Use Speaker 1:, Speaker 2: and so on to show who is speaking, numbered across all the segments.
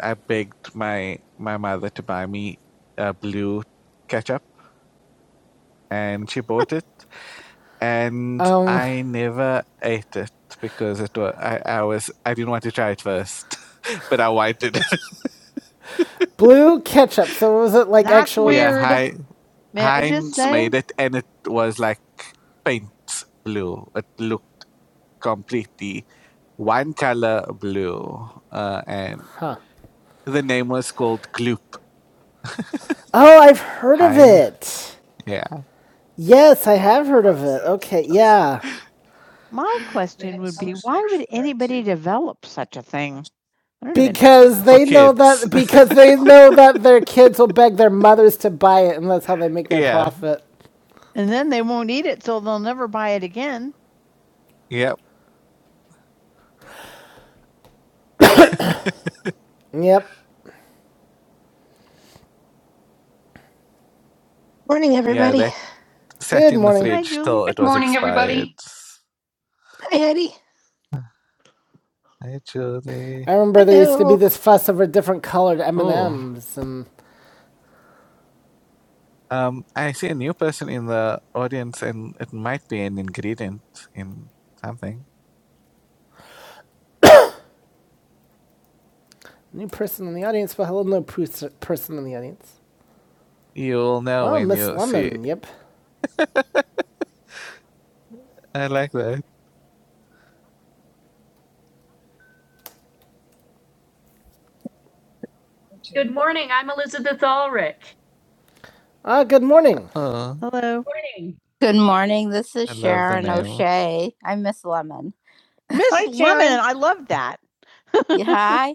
Speaker 1: I begged my my mother to buy me a blue ketchup, and she bought it, and Um. I never ate it because it was I, I was I didn't want to try it first, but I wanted it. Blue ketchup. So was it like That's actually? yeah, Weird. Hei- May Heinz made it, and it was like paint blue. It looked completely one color blue, uh, and Huh. the name was called Gloop. Oh, I've heard I'm, of it. Yeah. Yes, I have heard of it. Okay, yeah. My question would be, why would anybody develop such a thing? Because they know that because they know that their kids will beg their mothers to buy it and that's how they make their Yeah. profit. And then they won't eat it, so they'll never buy it again. Yep. Yep. Morning, Yeah, everybody. they Good morning. the Hi, it Good was morning, expired. everybody. Hi, Eddie. Hey, I remember there used to be Hello. this fuss over different colored Oh, M&Ms and M's, and um, I see a new person in the audience, and it might be an ingredient in something. new person in the audience. Well, hello, no pers- person in the audience. You'll know Oh, when Miss you see. Lemon. Yep. I like that. Good morning. I'm Elizabeth Ulrich. Ah, good morning. Oh, Hello. Morning. Good morning. This is I love the Sharon name. O'Shea. I'm Miss Lemon. Miss Hi, Lemon, Sharon. I love that. Yeah, hi.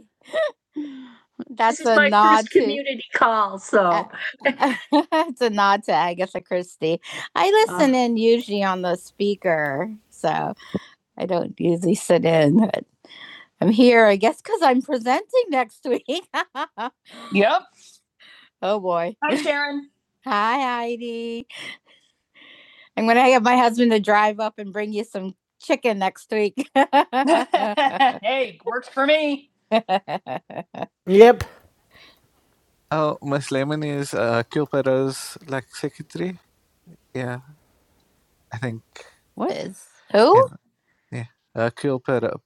Speaker 1: This That's this is a my nod first to, community call, so. it's a nod to Agatha Christie. I listen uh, in usually on the speaker, so I don't usually sit in, but I'm here, I guess, because I'm presenting next week. oh boy. Hi, Sharon. Hi, Heidi. I'm going to get my husband to drive up and bring you some chicken next week. Hey, works for me. Yep. Oh, Miss Lemon is uh, Q Perra's like secretary. Yeah. I think. What is? Who? Yeah. Uh, Keel Perro,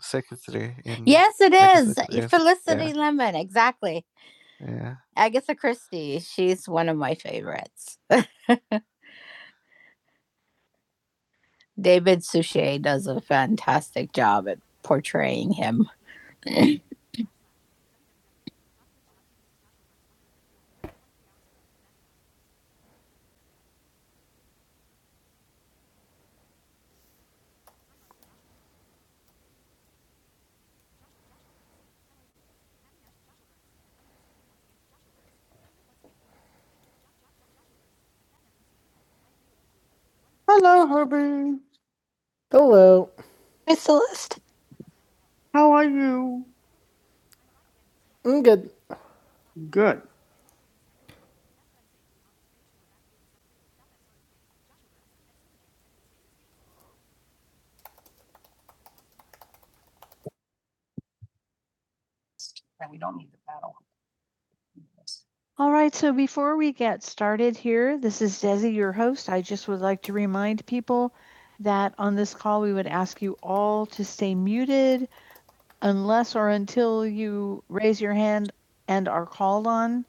Speaker 1: secretary. In, Yes, it is. yes, Felicity yeah. Lemon. Exactly. Yeah. Agatha Christie. She's one of my favorites. David Suchet does a fantastic job at portraying him. Hello. I'm good. And we don't need the battle. All right, so before we get started here, this is Desi, your host. I just would like to remind people that on this call, we would ask you all to stay muted unless or until you raise your hand and are called on.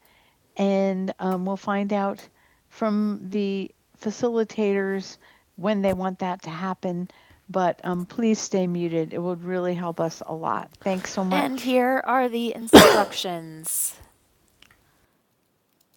Speaker 1: And um, we'll find out from the facilitators when they want that to happen. But um, please stay muted. It would really help us a lot. Thanks so much. And here are the instructions.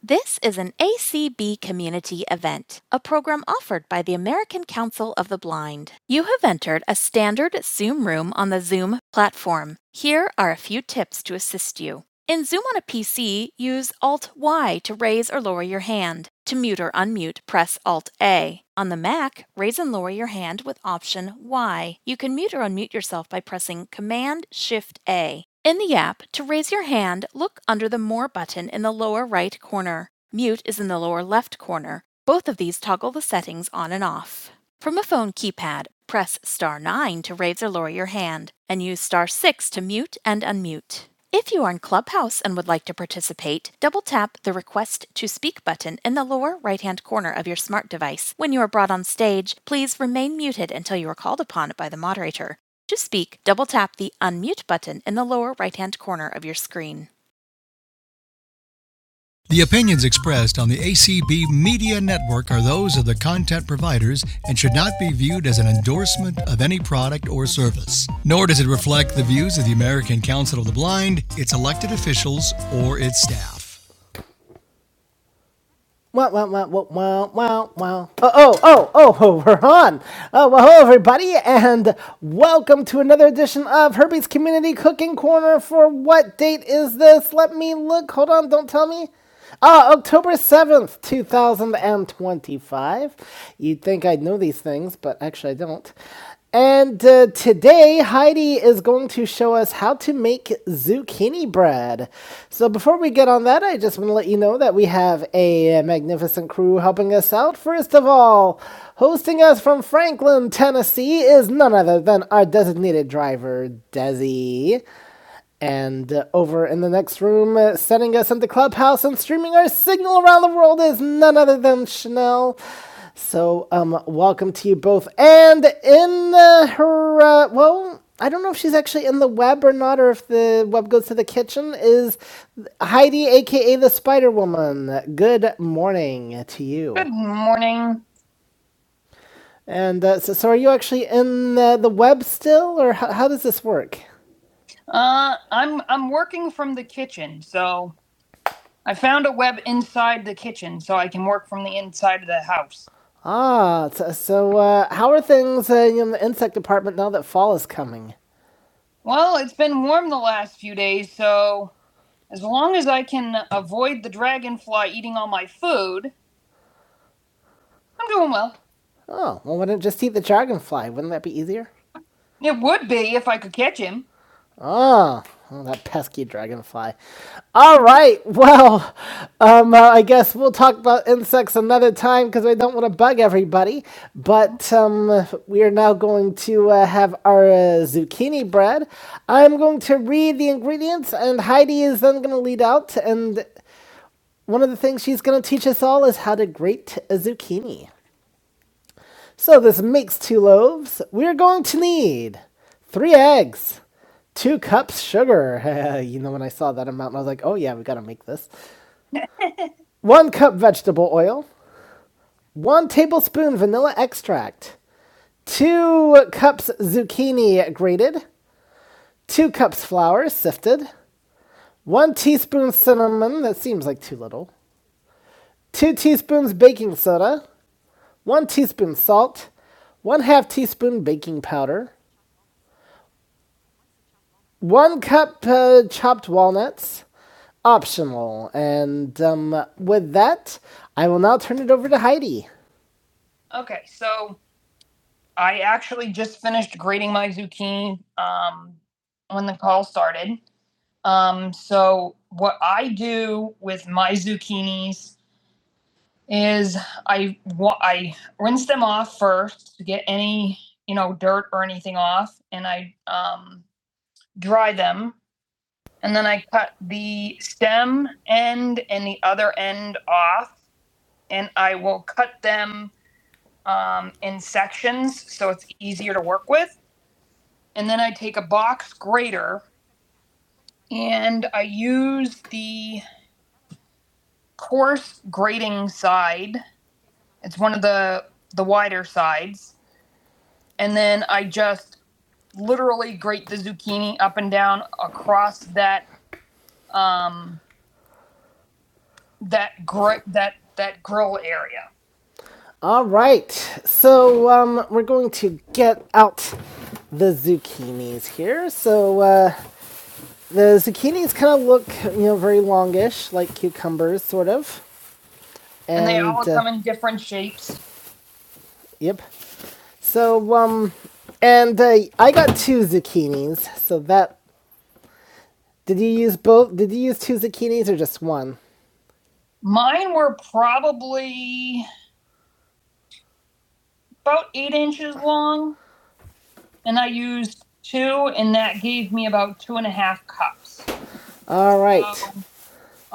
Speaker 1: This is an ACB community event, a program offered by the American Council of the Blind. You have entered a standard Zoom room on the Zoom platform. Here are a few tips to assist you. In Zoom on a PC, use Alt Y to raise or lower your hand. To mute or unmute, press Alt A. On the Mac, raise and lower your hand with Option Y. You can mute or unmute yourself by pressing Command Shift A. In the app, to raise your hand, look under the More button in the lower right corner. Mute is in the lower left corner. Both of these toggle the settings on and off. From a phone keypad, press star 9 to raise or lower your hand, and use star 6 to mute and unmute. If you are in Clubhouse and would like to participate, double tap the Request to Speak button in the lower right hand corner of your smart device. When you are brought on stage, please remain muted until you are called upon by the moderator. To speak, double tap the Unmute button in the lower right hand corner of your screen. The opinions expressed on the ACB Media Network are those of the content providers and should not be viewed as an endorsement of any product or service. Nor does it reflect the views of the American Council of the Blind, its elected officials, or its staff. Wow, wow, wow, wow, wow, wow, wow. Oh, oh, oh, oh, we're on. Oh, well, hello, everybody, and welcome to another edition of Herbie's Community Cooking Corner. For what date is this? Let me look. Hold on, don't tell me. Ah, uh, October 7th, 2025. You'd think I'd know these things, but actually I don't. And uh, today, Heidi is going to show us how to make zucchini bread. So, before we get on that, I just want to let you know that we have a magnificent crew helping us out. First of all, hosting us from Franklin, Tennessee, is none other than our designated driver, Desi. And uh, over in the next room, uh, setting us in the clubhouse and streaming our signal around the world is none other than Chanel. So, um, welcome to you both. And in uh, her, uh, well, I don't know if she's actually in the web or not, or if the web goes to the kitchen, is Heidi, aka the Spider Woman. Good morning to you. Good morning. And uh, so, so, are you actually in the, the web still, or how, how does this work? Uh, I'm I'm working from the kitchen, so I found a web inside the kitchen, so I can work from the inside of the house. Ah, so, so uh, how are things uh, in the insect department now that fall is coming? Well, it's been warm the last few days, so as long as I can avoid the dragonfly eating all my food, I'm doing well. Oh, well, wouldn't it just eat the dragonfly? Wouldn't that be easier? It would be if I could catch him. Ah, oh, well, that pesky dragonfly. All right. Well, um, uh, I guess we'll talk about insects another time because I don't want to bug everybody. But um, we are now going to uh, have our uh, zucchini bread. I'm going to read the ingredients, and Heidi is then going to lead out. And one of the things she's going to teach us all is how to grate a zucchini. So this makes two loaves. We're going to need three eggs two cups sugar. you know, when I saw that amount, I was like, oh yeah, we gotta make this. 1 cup vegetable oil, 1 tablespoon vanilla extract, 2 cups zucchini grated, 2 cups flour sifted, 1 teaspoon cinnamon, that seems like too little, 2 teaspoons baking soda, 1 teaspoon salt, 1 half teaspoon baking powder, 1 cup uh, chopped walnuts, optional. And um, with that, I will now turn it over to Heidi. Okay, so I actually just finished grading my zucchini um, when the call started. Um, so what I do with my zucchinis is I I rinse them off first to get any you know dirt or anything off, and I um, dry them, and then I cut the stem end and the other end off, and I will cut them um, in sections so it's easier to work with And then I take a box grater and I use the coarse grating side. It's one of the the wider sides. And then I just literally grate the zucchini up and down across that that gr- that that grill area. All right, so um, we're going to get out the zucchinis here. So uh, the zucchinis kind of look, you know, very longish, like cucumbers, sort of. and, and they all uh, come in different shapes. Yep. So um, and uh, I got two zucchinis. So that did you use both? Did you use two zucchinis or just one? Mine were probably about eight inches long, and I used two, and that gave me about two and a half cups. All right. So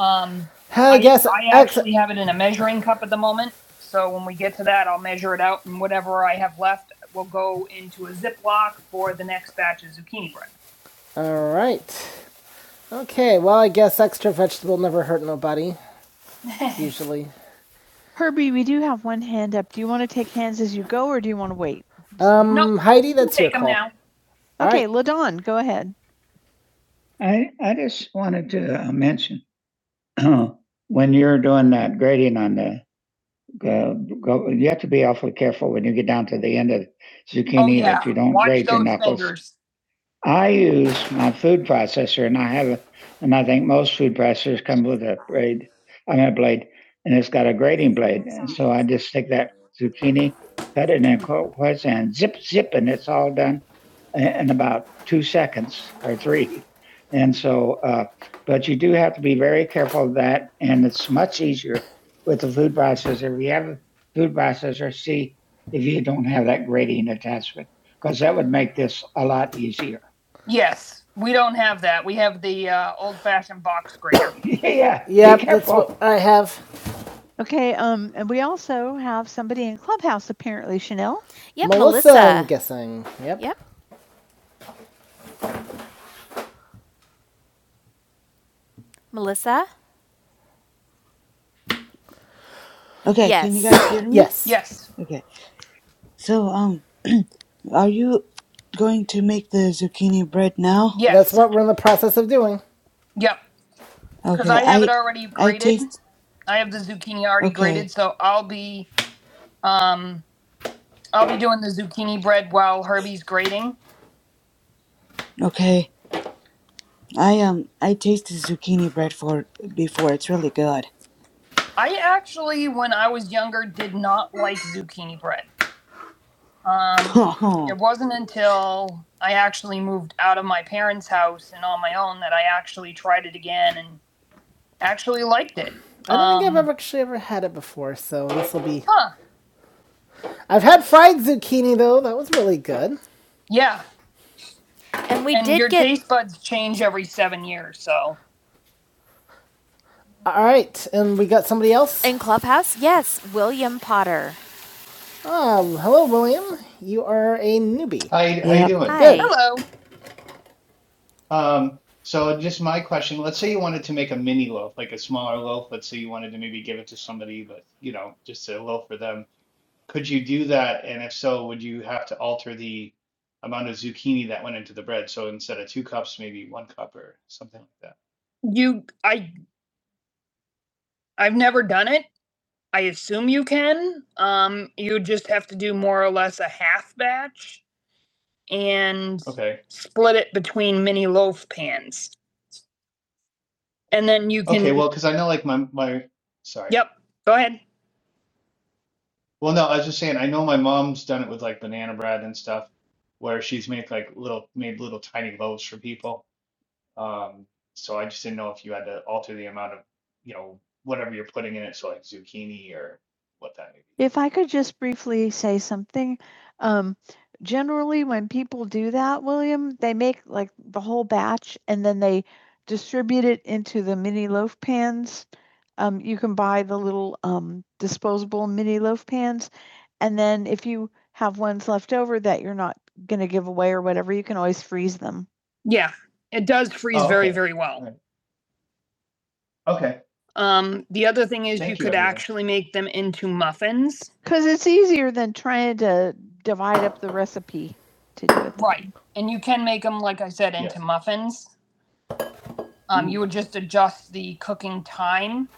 Speaker 1: Um, Hell yes, I ex- actually ex- have it in a measuring cup at the moment. So when we get to that, I'll measure it out, and whatever I have left will go into a Ziploc for the next batch of zucchini bread. All right. Okay. Well, I guess extra vegetable never hurt nobody. Usually. Herbie, we do have one hand up. Do you want to take hands as you go, or do you want to wait? Um, Nope, Heidi, that's Take your them call. Take them now. All Okay, Ladon, go ahead. I, I just wanted to uh, mention when you're doing that grading on the uh, go, you have to be awfully careful when you get down to the end of zucchini Oh, yeah. that you don't Watch break your knuckles. fingers. I use my food processor, and I have, a, and I think most food processors come with a blade. I mean, a blade, and it's got a grating blade. And so I just take that zucchini, cut it in a quartz, and zip, zip, and it's all done in about two seconds or three. And so, uh, but you do have to be very careful of that, and it's much easier with the food processor. If you have a food processor, see if you don't have that grating attachment, because that would make this a lot easier. Yes, we don't have that. We have the uh, old-fashioned box grater. yeah, yeah. be that's careful. what I have. Okay, um, and we also have somebody in Clubhouse apparently, Chanel. Yep, Melissa, Melissa. I'm guessing. Yep. Yep, Melissa.
Speaker 2: Okay, can you
Speaker 1: Yes.
Speaker 2: guys hear me?
Speaker 1: Yes. Yes.
Speaker 2: Okay. So, um, are you going to make the zucchini bread now?
Speaker 1: Yes. That's what we're in the process of doing. Yep. Because
Speaker 2: Okay,
Speaker 1: I have it
Speaker 2: I
Speaker 1: already
Speaker 2: I
Speaker 1: graded.
Speaker 2: taste
Speaker 1: I have the zucchini already graded,
Speaker 2: Okay.
Speaker 1: so I'll be um I'll be doing the zucchini bread while Herbie's grading.
Speaker 2: Okay. I um I tasted zucchini bread for before. It's really good.
Speaker 1: I actually, when I was younger, did not like zucchini bread. Um, it
Speaker 2: Oh,
Speaker 1: wasn't until I actually moved out of my parents' house and on my own that I actually tried it again and actually liked it. I don't um, think I've Um, ever actually ever had it before, so this will be huh? I've had fried zucchini though. That was really good. Yeah, And we and did your get taste buds change every seven years, so All right, and we got somebody else. in Clubhouse, yes, William Potter. Um, hello, William. You are a newbie.
Speaker 3: How you, how you
Speaker 2: yep.
Speaker 3: doing?
Speaker 1: Hi. Good. hello.
Speaker 3: Um, so just my question, let's say you wanted to make a mini loaf, like a smaller loaf. Let's say you wanted to maybe give it to somebody, but you know, just a loaf for them. Could you do that? And if so, would you have to alter the amount of zucchini that went into the bread? So instead of two cups, maybe one cup or something like that.
Speaker 1: You, I, I've never done it. I assume you can. Um, you just have to do more or less a half batch and
Speaker 3: Okay.
Speaker 1: split it between mini loaf pans, and then you
Speaker 3: Okay,
Speaker 1: can.
Speaker 3: well, because I know like my my sorry.
Speaker 1: Yep, go ahead.
Speaker 3: Well, no, I was just saying I know my mom's done it with like banana bread and stuff, where she's made like little made little tiny loaves for people. Um, so I just didn't know if you had to alter the amount of, you know, whatever you're putting in it, so like zucchini or what that may be.
Speaker 1: If I could just briefly say something, um, generally when people do that, William, they make like the whole batch and then they distribute it into the mini loaf pans. Um, you can buy the little um, disposable mini loaf pans. And then if you have ones left over that you're not going to give away or whatever, you can always freeze them. Yeah, it does freeze
Speaker 3: Oh,
Speaker 1: very,
Speaker 3: okay.
Speaker 1: very well.
Speaker 3: All right. Okay.
Speaker 1: Um, the other thing is you
Speaker 3: Thank you,
Speaker 1: could
Speaker 3: everyone.
Speaker 1: actually make them into muffins. Because it's easier than trying to divide up the recipe to do it. Right. And you can make them, like I said,
Speaker 3: Yeah.
Speaker 1: into muffins. Um, you
Speaker 3: Ooh,
Speaker 1: would just adjust the cooking time.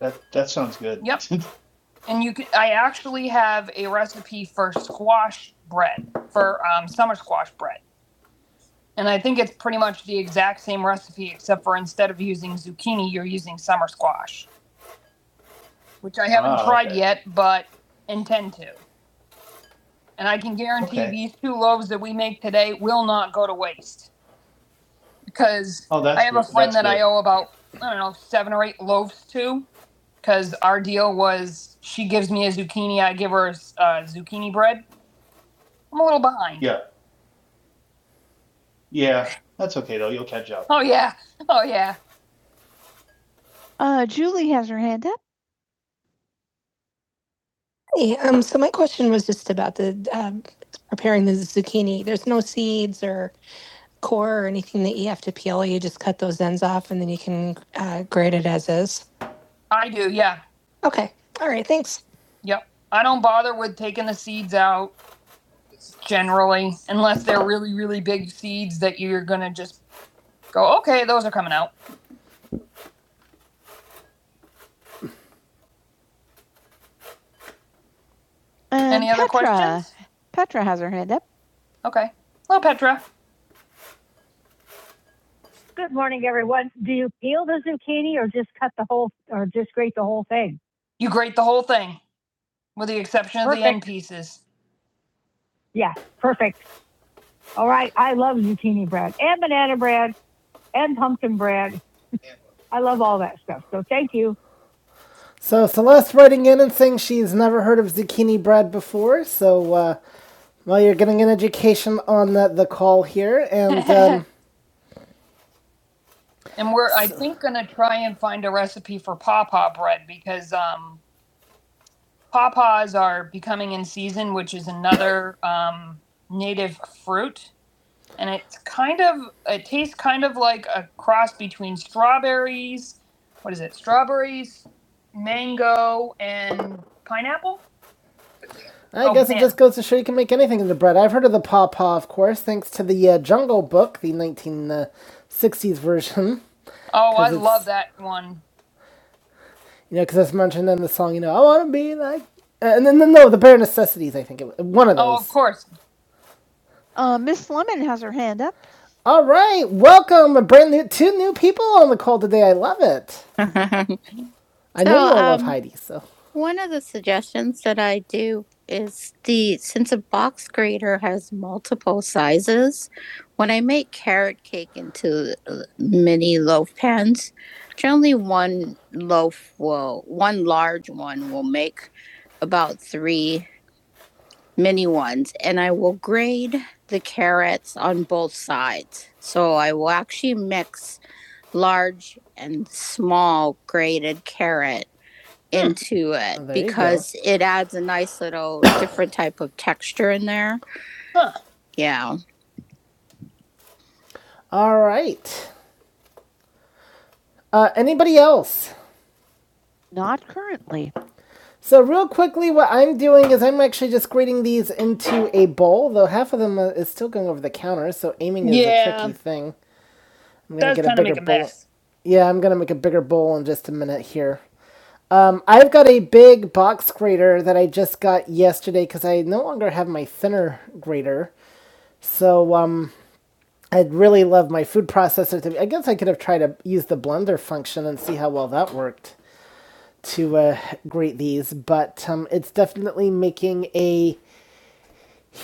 Speaker 3: that that sounds good.
Speaker 1: Yep. And you could, I actually have a recipe for squash bread, for um, summer squash bread. And I think it's pretty much the exact same recipe, except for instead of using zucchini, you're using summer squash, which I haven't
Speaker 3: Ah,
Speaker 1: tried
Speaker 3: okay.
Speaker 1: yet, but intend to. And I can guarantee
Speaker 3: Okay.
Speaker 1: these two loaves that we make today will not go to waste because
Speaker 3: Oh,
Speaker 1: I
Speaker 3: that's
Speaker 1: have a
Speaker 3: ru-
Speaker 1: friend
Speaker 3: that's
Speaker 1: that I
Speaker 3: good.
Speaker 1: owe about, I don't know, seven or eight loaves to because our deal was she gives me a zucchini, I give her a, uh, zucchini bread. I'm a little behind.
Speaker 3: Yeah. Yeah. That's okay though. You'll catch up.
Speaker 1: Oh, yeah. Oh, yeah. Uh, Julie has her hand up. Hey, um, so my question was just about the um, preparing the zucchini. There's no seeds or core or anything that you have to peel. You just cut those ends off and then you can uh, grate it as is. I do, yeah. Okay. All right. Thanks. Yep. I don't bother with taking the seeds out generally, unless they're really, really big seeds that you're gonna just go, okay, those are coming out. Um, Any Petra. other questions? Petra has her hand up. Okay. Hello, Petra. Good morning, everyone. Do you peel the zucchini or just cut the whole, or just grate the whole thing? You grate the whole thing, with the exception perfect. of the end pieces. Yeah, perfect. All right. I love zucchini bread and banana bread and pumpkin bread I love all that stuff. So thank you. So Celeste writing in and saying she's never heard of zucchini bread before. So uh, well, you're getting an education on the, the call here, and um, And we're, I think, going to try and find a recipe for pawpaw bread because um, pawpaws are becoming in season, which is another um, native fruit and it's kind of it tastes kind of like a cross between strawberries. What is it? Strawberries, mango, and pineapple. I Oh, guess man. it just goes to show you can make anything into bread. I've heard of the pawpaw, of course, thanks to the uh, Jungle Book, the 1960s version. Oh, I love that one. You know, because it's mentioned in the song, you know, I want to be like. Uh, And then, no, no, the Bare Necessities, I think. It was, one of those. Oh, of course, Uh, Miss Lemon has her hand up. All right, welcome, a brand new two new people on the call today. I love it. I know So, you all love um, Heidi, so one of the suggestions that I do is the since a box grater has multiple sizes, when I make carrot cake into uh, mini loaf pans, generally one loaf will, one large one will make about three mini ones and I will grade the carrots on both sides. So I will actually mix large and small grated carrot Hmm. into it Oh, because it adds a nice little different type of texture in there. Yeah. All right. Uh, anybody else? Not currently. So real quickly, what I'm doing is I'm actually just grating these into a bowl, though half of them uh, is still going over the counter, so aiming is Yeah. a tricky thing. I'm gonna get a bigger make a bowl. mess. Yeah, I'm gonna make a bigger bowl in just a minute here. Um, I've got a big box grater that I just got yesterday because I no longer have my thinner grater. So um, I'd really love my food processor to. I guess I could have tried to use the blender function and see how well that worked to uh, grate these, but um, it's definitely making a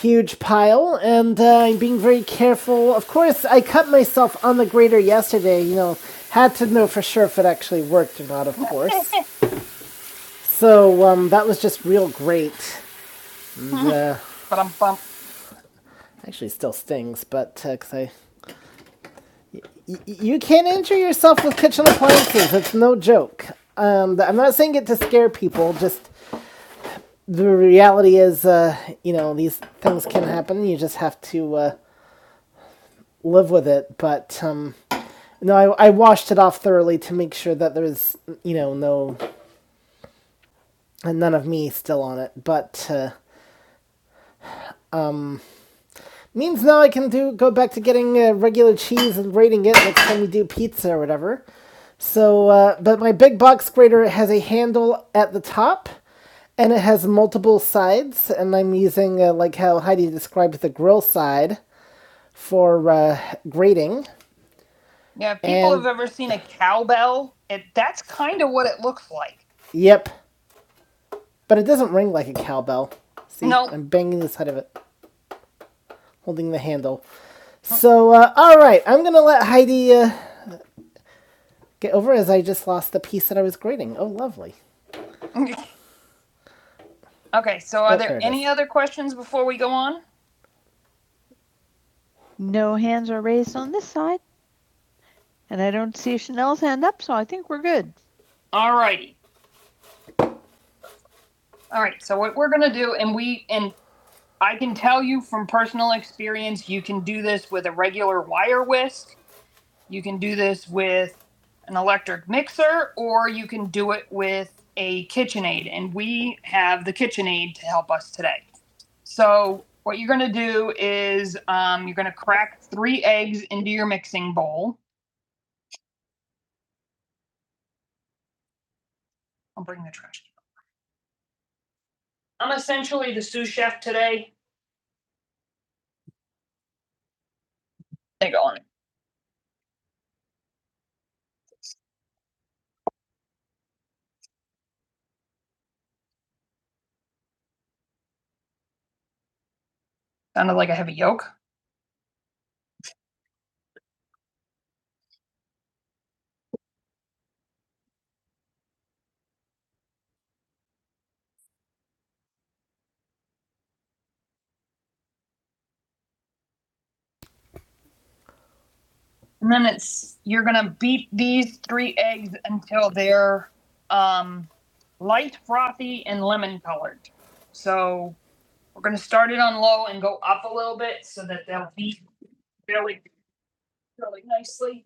Speaker 1: huge pile, and uh, I'm being very careful. Of course, I cut myself on the grater yesterday, you know, had to know for sure if it actually worked or not, of course. so um, that was just real great. Uh, actually, still stings, but because I. Y- y- you can't injure yourself with kitchen appliances, it's no joke. Um, I'm not saying it to scare people, just the reality is, uh, you know, these things can happen, you just have to uh, live with it, but. Um, No, I, I washed it off thoroughly to make sure that there's you know no none of me still on it. But uh, means now I can do go back to getting uh, regular cheese and grating it next time we do pizza or whatever. So, uh, but my big box grater has a handle at the top and it has multiple sides, and I'm using uh, like how Heidi described the grill side for uh, grating. Yeah, if people And- have ever seen a cowbell, it that's kind of what it looks like. Yep. But it doesn't ring like a cowbell. See, Nope. I'm banging the side of it, holding the handle. Oh. So, uh, all right, I'm going to let Heidi uh, get over as I just lost the piece that I was grading. Oh, lovely. Okay, so are Oh, there there it any is. other questions before we go on? No hands are raised on this side, and I don't see Chanel's hand up, so I think we're good. All righty. All right. So what we're gonna do, and we and I can tell you from personal experience, you can do this with a regular wire whisk, You can do this with an electric mixer or you can do it with a KitchenAid. And we have the KitchenAid to help us today. So, what you're going to do is um, you're going to crack three eggs into your mixing bowl. I'll bring the trash. I'm essentially the sous chef today. They go on. Sounded like a heavy yolk. And then it's you're gonna beat these three eggs until they're um, light, frothy, and lemon colored. So We're gonna start it on low and go up a little bit so that they'll beat really, really nicely.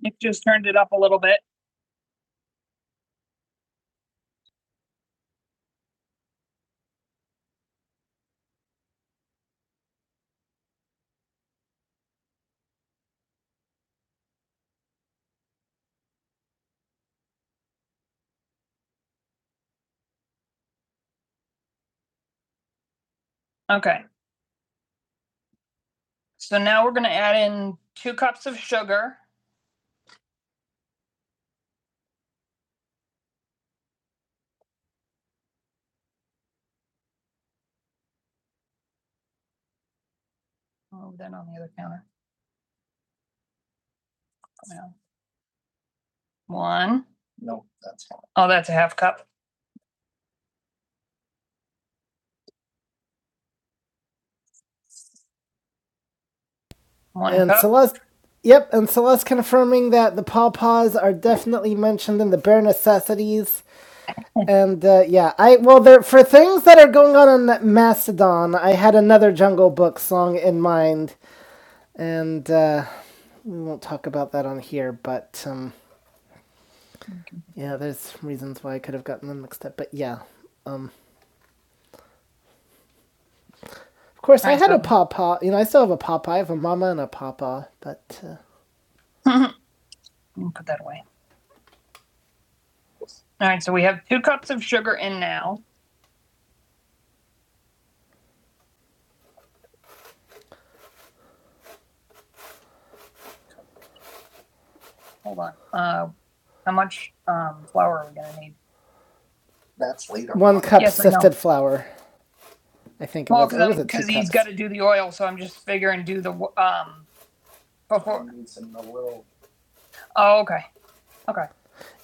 Speaker 1: Nick just turned it up a little bit. Okay, so now we're gonna add in two cups of sugar. Oh, then on the other counter. Yeah. One. Nope, that's fine. Oh, that's a half cup. One And cup. Celeste, yep, and Celeste confirming that the pawpaws are definitely mentioned in the bare necessities. and uh, yeah, I well, there for things that are going on in Mastodon, I had another Jungle Book song in mind And uh, we won't talk about that on here, but um, yeah, there's reasons why I could have gotten them mixed up. But yeah, um, of course, I Right, had a but- papa. You know, I still have a papa. I have a mama and a papa. But uh, put that away. All right, so we have two cups of sugar in now. Hold on. Uh, how much um, flour are we gonna need? one cup Yes, I know. sifted no. flour. I think Well, because he's got to do the oil, so I'm just figuring do the um before. Oh, okay, okay.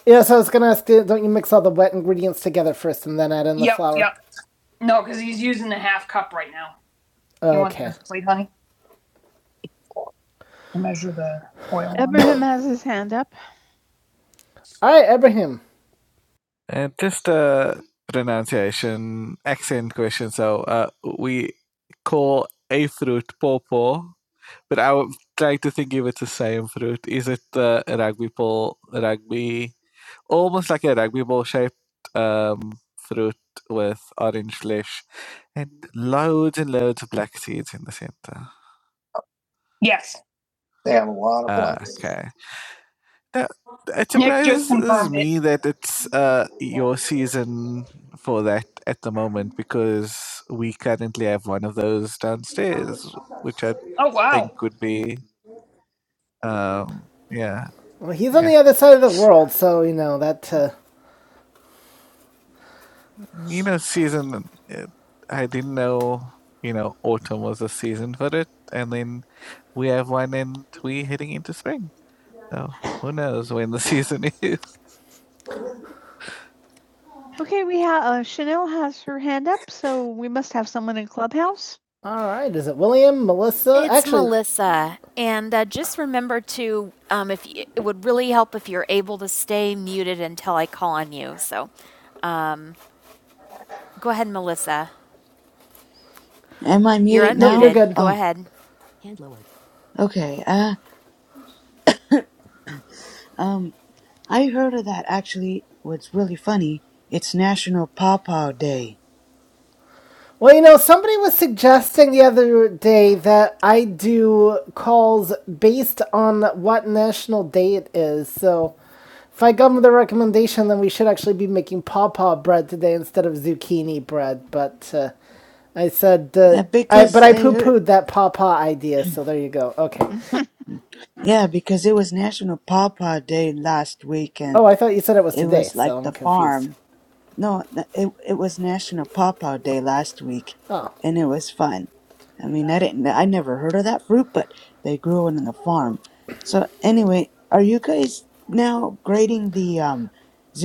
Speaker 1: Yeah, so I was gonna ask, don't you mix all the wet ingredients together first and then add in the yep, flour? yep. yep. No, because he's using a half cup right now. Oh, You want Okay. this plate, honey? To measure the oil. Abraham has his hand up. All right, Abraham. And just a pronunciation accent question. So uh, we call a fruit popo But I'm trying to think if it's the same fruit. Is it the rugby ball, rugby, almost like a rugby ball shaped um, fruit with orange flesh and loads and loads of black seeds in the center? Yes. A lot of Uh, points. okay. That, it Nick just surprises confirmed it. me that it's uh, your season for that at the moment because we currently have one of those downstairs, which I Oh wow. think would be Um, yeah, Well, he's on yeah. the other side of the world, so you know that. Uh, you know, season. It, I didn't know. You know, autumn was a season for it, and then we have one, and we heading into spring. So who knows when the season is? Okay, we have uh, Chanel has her hand up, so we must have someone in Clubhouse. All right. Is it William, Melissa? It's Actually, Melissa, and uh, just remember to um, if y- it would really help if you're able to stay muted until I call on you. So go ahead, Melissa.
Speaker 2: Am I
Speaker 1: You're
Speaker 2: muted
Speaker 1: unmuted. No, you're
Speaker 2: now?
Speaker 1: good. Go
Speaker 2: Oh,
Speaker 1: ahead.
Speaker 2: okay. Uh um I heard of that actually. What's really funny, it's National Pawpaw Day.
Speaker 1: Well, you know, somebody was suggesting the other day that I do calls based on what national day it is. So if I come with a recommendation, then we should actually be making pawpaw bread today instead of zucchini bread. But uh, I said, uh,
Speaker 2: Uh,
Speaker 1: I, but
Speaker 2: because
Speaker 1: I
Speaker 2: I
Speaker 1: poo
Speaker 2: heard
Speaker 1: pooed that pawpaw idea. So there you go. Okay.
Speaker 2: yeah, because it was National Pawpaw Day last weekend
Speaker 1: Oh, I thought you said it was
Speaker 2: It
Speaker 1: today.
Speaker 2: was
Speaker 1: So
Speaker 2: like
Speaker 1: I'm
Speaker 2: the
Speaker 1: confused.
Speaker 2: farm. No, n- it it was National Pawpaw Day last week,
Speaker 1: Oh.
Speaker 2: and it was fun. I mean, I didn't, I never heard of that fruit, but they grew it in the farm. So anyway, are you guys now grading the um,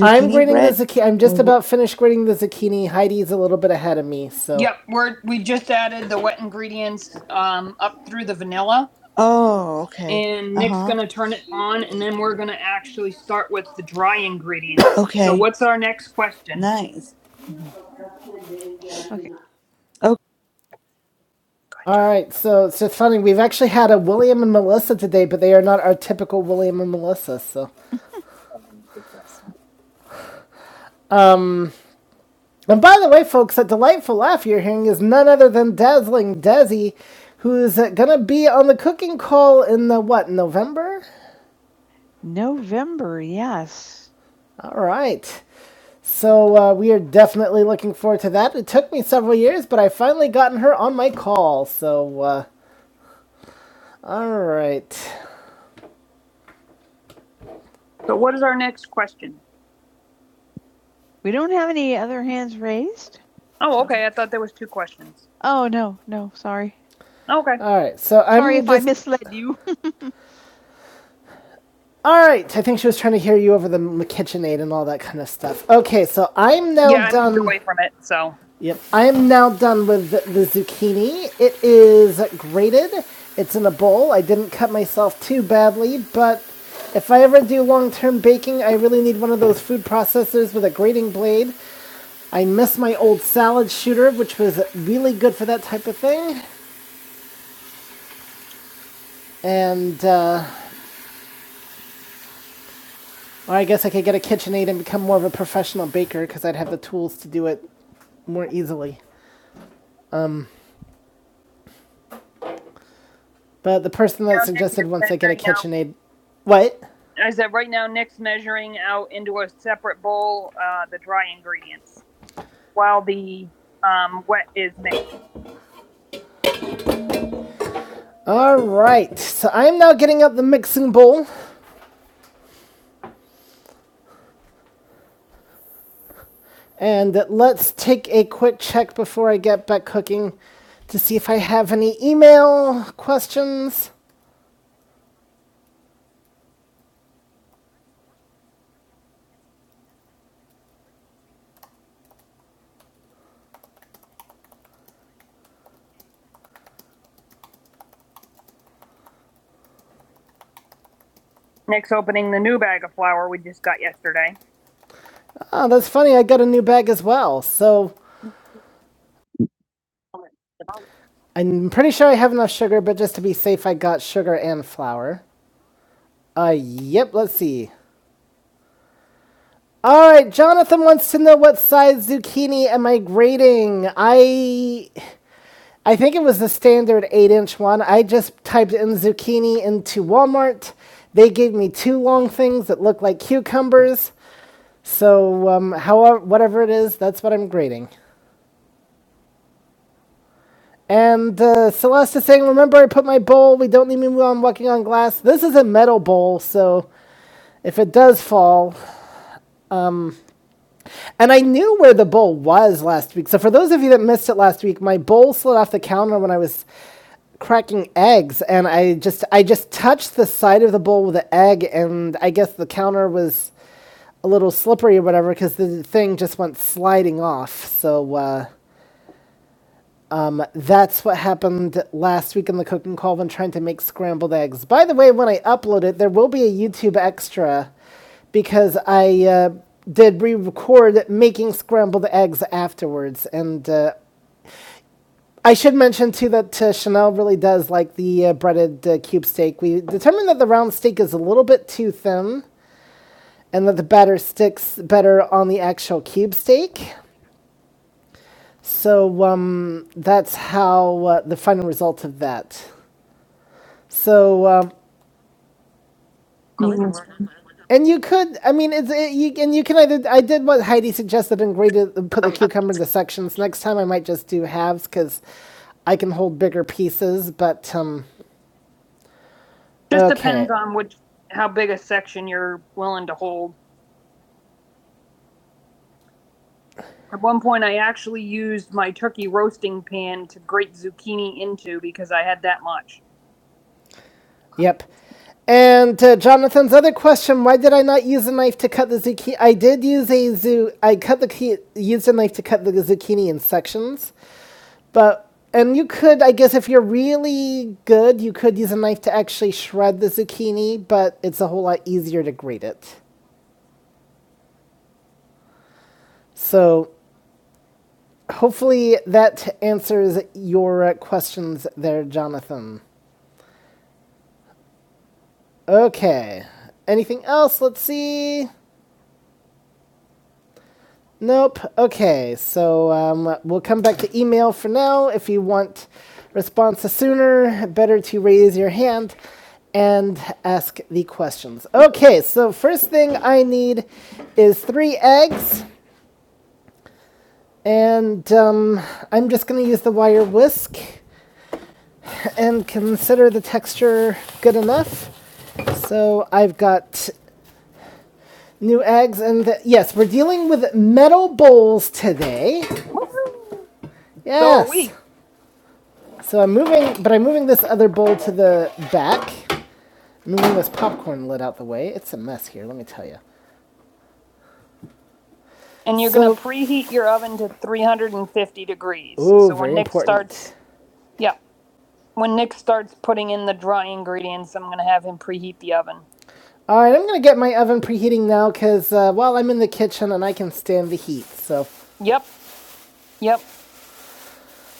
Speaker 1: I'm grading the
Speaker 2: bread?
Speaker 1: zucchini. I'm just
Speaker 2: Or wh-
Speaker 1: about finished grading the zucchini. Heidi's a little bit ahead of me, so Yep, we're we just added the wet ingredients um, up through the vanilla,
Speaker 2: oh, okay.
Speaker 1: and
Speaker 2: Uh
Speaker 1: Nick's
Speaker 2: huh.
Speaker 1: gonna turn it on, and then we're gonna actually start with the dry ingredients. So,
Speaker 2: Okay.
Speaker 1: what's our next question?
Speaker 2: Nice.
Speaker 1: Okay. all right. So it's just funny. We've actually had a William and Melissa today, but they are not our typical William and Melissa. So. um, And by the way, folks, that delightful laugh you're hearing is none other than Dazzling Desi, who's uh, going to be on the cooking call in the what, November? November, yes. All right. So uh, we are definitely looking forward to that. It took me several years, but I finally gotten her on my call. So, uh, all right. So what is our next question? We don't have any other hands raised. Oh, okay. I thought there was two questions. Oh no, no, sorry. Okay. All right, so I'm sorry if just- I misled you. All right, I think she was trying to hear you over the KitchenAid and all that kind of stuff. Okay, so I'm now yeah, I moved done. Yeah, I away from it. So Yep, I am now done with the, the zucchini. It is grated. It's in a bowl. I didn't cut myself too badly, but if I ever do long-term baking, I really need one of those food processors with a grating blade I miss my old salad shooter, which was really good for that type of thing. And, uh, or I guess I could get a KitchenAid and become more of a professional baker because I'd have the tools to do it more easily. But the person that suggested once I get a KitchenAid, what? I said right now Nick's measuring out into a separate bowl uh, the dry ingredients while the um, wet is mixed. All right, so I'm now getting up the mixing bowl And let's take a quick check before I get back cooking to see if I have any email questions. Nick's opening the new bag of flour we just got yesterday. Oh, that's funny. I got a new bag as well. So I'm pretty sure I have enough sugar, but just to be safe, I got sugar and flour. Uh, yep, let's see. All right, Jonathan wants to know what size zucchini am I grading? I I think it was the standard eight inch one. I just typed in zucchini into Walmart. They gave me two long things that look like cucumbers. So, um, however, whatever it is, that's what I'm grading. And uh, Celeste is saying, Remember, I put my bowl. We don't need me on walking on glass. This is a metal bowl, so if it does fall. And I knew where the bowl was last week. So, for those of you that missed it last week, my bowl slid off the counter when I was cracking eggs and I just I just touched the side of the bowl with an egg and I guess the counter was a little slippery or whatever because the thing just went sliding off. So uh, that's what happened last week in the cooking call when trying to make scrambled eggs. By the way, when I upload it, there will be a YouTube extra because I uh, did re-record making scrambled eggs afterwards and uh, I should mention too that uh, Chanel really does like the uh, breaded uh, cube steak. We determined that the round steak is a little bit too thin, and that the batter sticks better on the actual cube steak. So um, that's how uh, the final result of that. So um, and you could, I mean, it's it, you and you can either I did what Heidi suggested and graded put the cucumber into sections. Next time I might just do halves because I can hold bigger pieces, but um, Just Okay. depends on which how big a section you're willing to hold. At one point, I actually used my turkey roasting pan to grate zucchini into because I had that much. Yep. And uh, Jonathan's other question: Why did I not use a knife to cut the zucchini? I did use a zoo. I cut the key, used a knife to cut the zucchini in sections, but and you could, I guess, if you're really good, you could use a knife to actually shred the zucchini, but it's a whole lot easier to grate it. So Hopefully that answers your uh, questions there, Jonathan. Okay. Anything else? Let's see. Nope. Okay. So um, we'll come back to email for now. If you want responses sooner, better to raise your hand and ask the questions. Okay. So first thing I need is three eggs, and um, I'm just going to use the wire whisk and consider the texture good enough. So I've got new eggs, and the, yes, we're dealing with metal bowls today. Yes. So, are we. So I'm moving, but I'm moving this other bowl to the back. Moving this popcorn lid out the way. It's a mess here, let me tell you. And you're so, going So, to preheat your oven to 350 degrees. ooh, So when very Nick important. starts, yeah, when Nick starts putting in the dry ingredients, I'm going to have him preheat the oven. All right, I'm gonna get my oven preheating now, cause uh, while well, I'm in the kitchen and I can stand the heat. So, Yep, yep.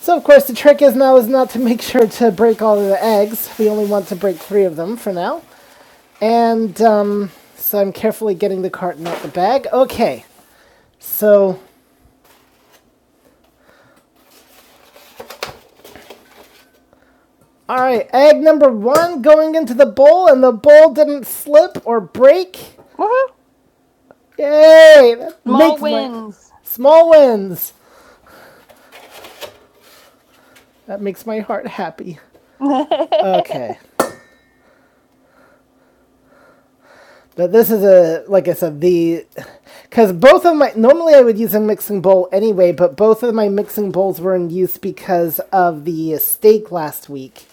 Speaker 1: So, of course, the trick is now is not to make sure to break all of the eggs. We only want to break three of them for now. And um, so I'm carefully getting the carton out the bag. Okay, so, all right, egg number one going into the bowl, and the bowl didn't slip or break. Yay! That Small makes my- wins. My, small wins. That makes my heart happy. Okay. But this is a like I said the because both of my normally I would use a mixing bowl anyway, but both of my mixing bowls were in use because of the steak last week.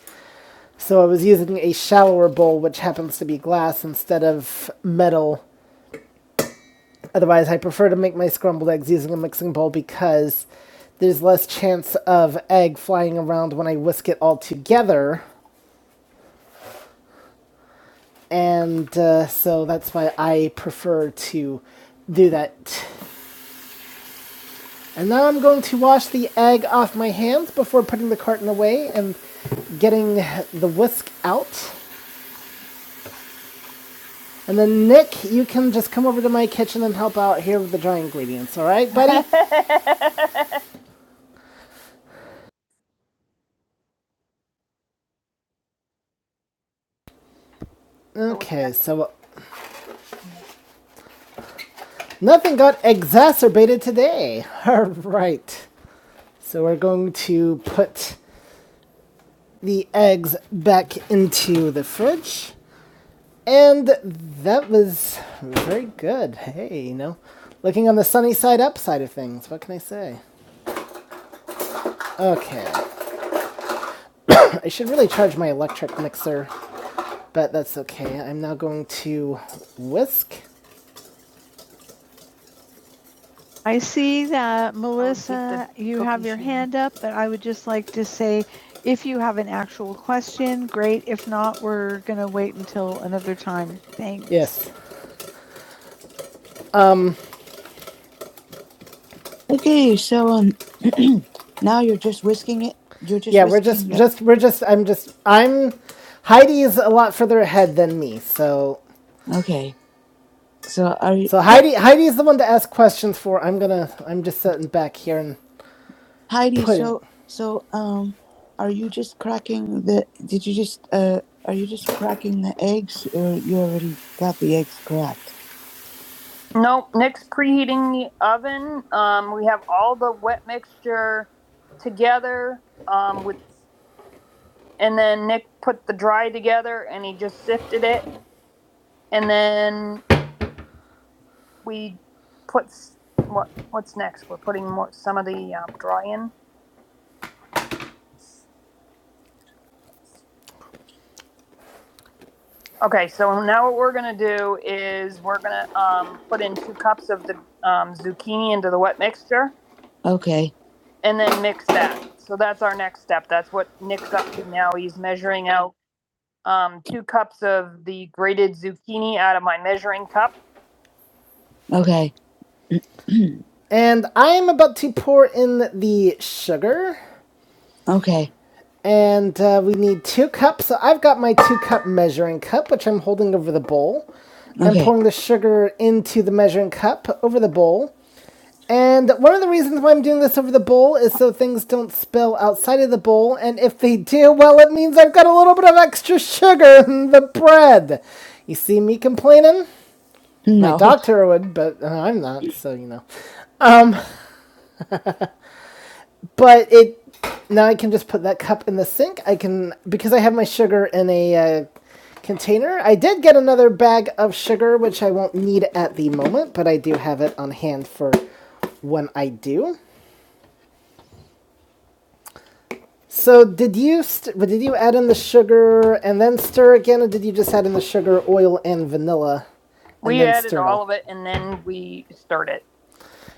Speaker 1: So I was using a shallower bowl, which happens to be glass instead of metal. Otherwise, I prefer to make my scrambled eggs using a mixing bowl because there's less chance of egg flying around when I whisk it all together, and uh, so that's why I prefer to do that And now I'm going to wash the egg off my hands before putting the carton away and getting the whisk out. And then Nick, you can just come over to my kitchen and help out here with the dry ingredients, all right, buddy? okay, so nothing got exacerbated today. All right. So we're going to put the eggs back into the fridge. And that was very good. Hey, you know, looking on the sunny side up side of things. What can I say? Okay, I should really charge my electric mixer, but that's okay. I'm now going to whisk. I see that, Melissa, you have your hand up, but I would just like to say if you have an actual question, great. If not, we're going to wait until another time. Thanks. Yes. Okay, so um, now you're just whisking it. You're just yeah, we're just, it? just, we're just, I'm just, I'm, Heidi's a lot further ahead than me, so okay. So are you, So Heidi, Heidi is the one to ask questions for. I'm gonna, I'm just sitting back here and Heidi? putting. So so um, are you just cracking the? Did you just uh? Are you just cracking the eggs, or you already got the eggs cracked? Nope. Nick's preheating the oven. Um, we have all the wet mixture together. Um, with and then Nick put the dry together, and he just sifted it, and then we put what what's next? We're putting more, some of the um, dry in. Okay, so now what we're gonna do is we're gonna um, put in two cups of the um, zucchini into the wet mixture Okay. and then mix that. So that's our next step. That's what Nick's up to now. He's measuring out um, two cups of the grated zucchini out of my measuring cup. Okay. And I'm about to pour in the sugar. Okay. And uh, we need two cups. So I've got my two cup measuring cup, which I'm holding over the bowl. Okay. I'm Okay. pouring the sugar into the measuring cup over the bowl. And one of the reasons why I'm doing this over the bowl is so things don't spill outside of the bowl. And if they do, well, it means I've got a little bit of extra sugar in the bread. You see me complaining? No. My No. doctor would, but uh, I'm not, so you know. Um. but it now I can just put that cup in the sink. I can because I have my sugar in a uh, container. I did get another bag of sugar, which I won't need at the moment, but I do have it on hand for when I do. So did you st- did you add in the sugar and then stir again, or did you just add in the sugar, oil, and vanilla? and We added all of it and then we stirred it.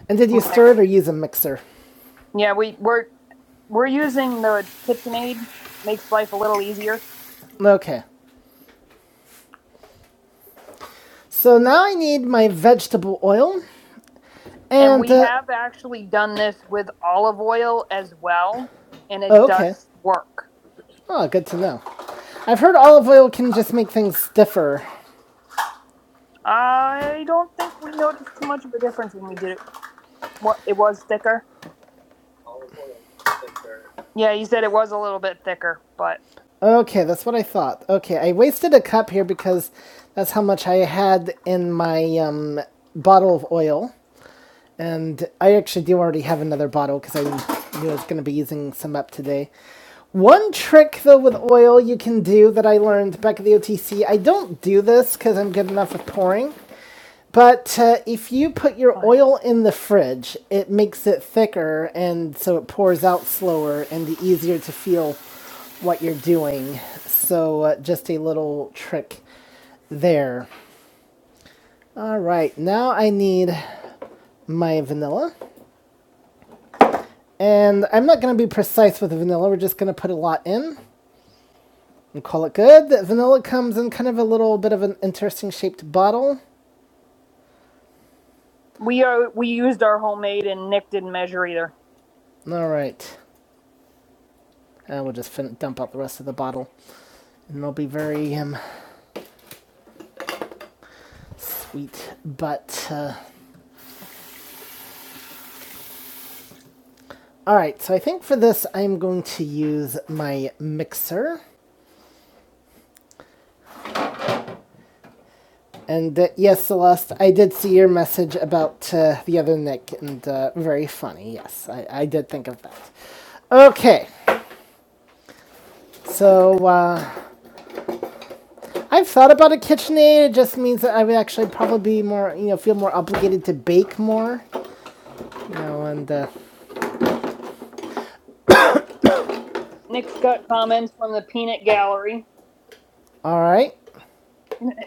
Speaker 1: And did you stir it or use a mixer? Yeah, we were. We're using the KitchenAid Makes life a little easier. Okay. So now I need my vegetable oil. And, And, we uh, have actually done this with olive oil as well, and it Oh, okay. does work. oh, good to know. I've heard olive oil can just make things stiffer. I don't think we noticed too much of a difference when we did it. it was thicker. Yeah, you said it was a little bit thicker, but Okay, that's what I thought. Okay, I wasted a cup here because that's how much I had in my um, bottle of oil. And I actually do already have another bottle because I knew I was going to be using some up today. One trick, though, with oil you can do that I learned back at the OTC, I don't do this because I'm good enough at pouring. But uh, if you put your oil in the fridge, it makes it thicker and so it pours out slower and easier to feel what you're doing. So uh, just a little trick there. All right, now I need my vanilla. And I'm not going to be precise with the vanilla. We're just going to put a lot in and call it good. The vanilla comes in kind of a little bit of an interesting shaped bottle. We are we used our homemade and Nick didn't measure either. All right. Uh, we'll just fin- dump out the rest of the bottle. And it'll be very um, sweet. But, uh, all right. So I think for this, I'm going to use my mixer. And uh, yes, Celeste, I did see your message about uh, the other Nick, and uh, very funny. Yes, I, I did think of that. Okay, so uh, I've thought about a KitchenAid. It just means that I would actually probably be more, you know, feel more obligated to bake more, you know. And uh, Nick's got comments from the Peanut Gallery. all right,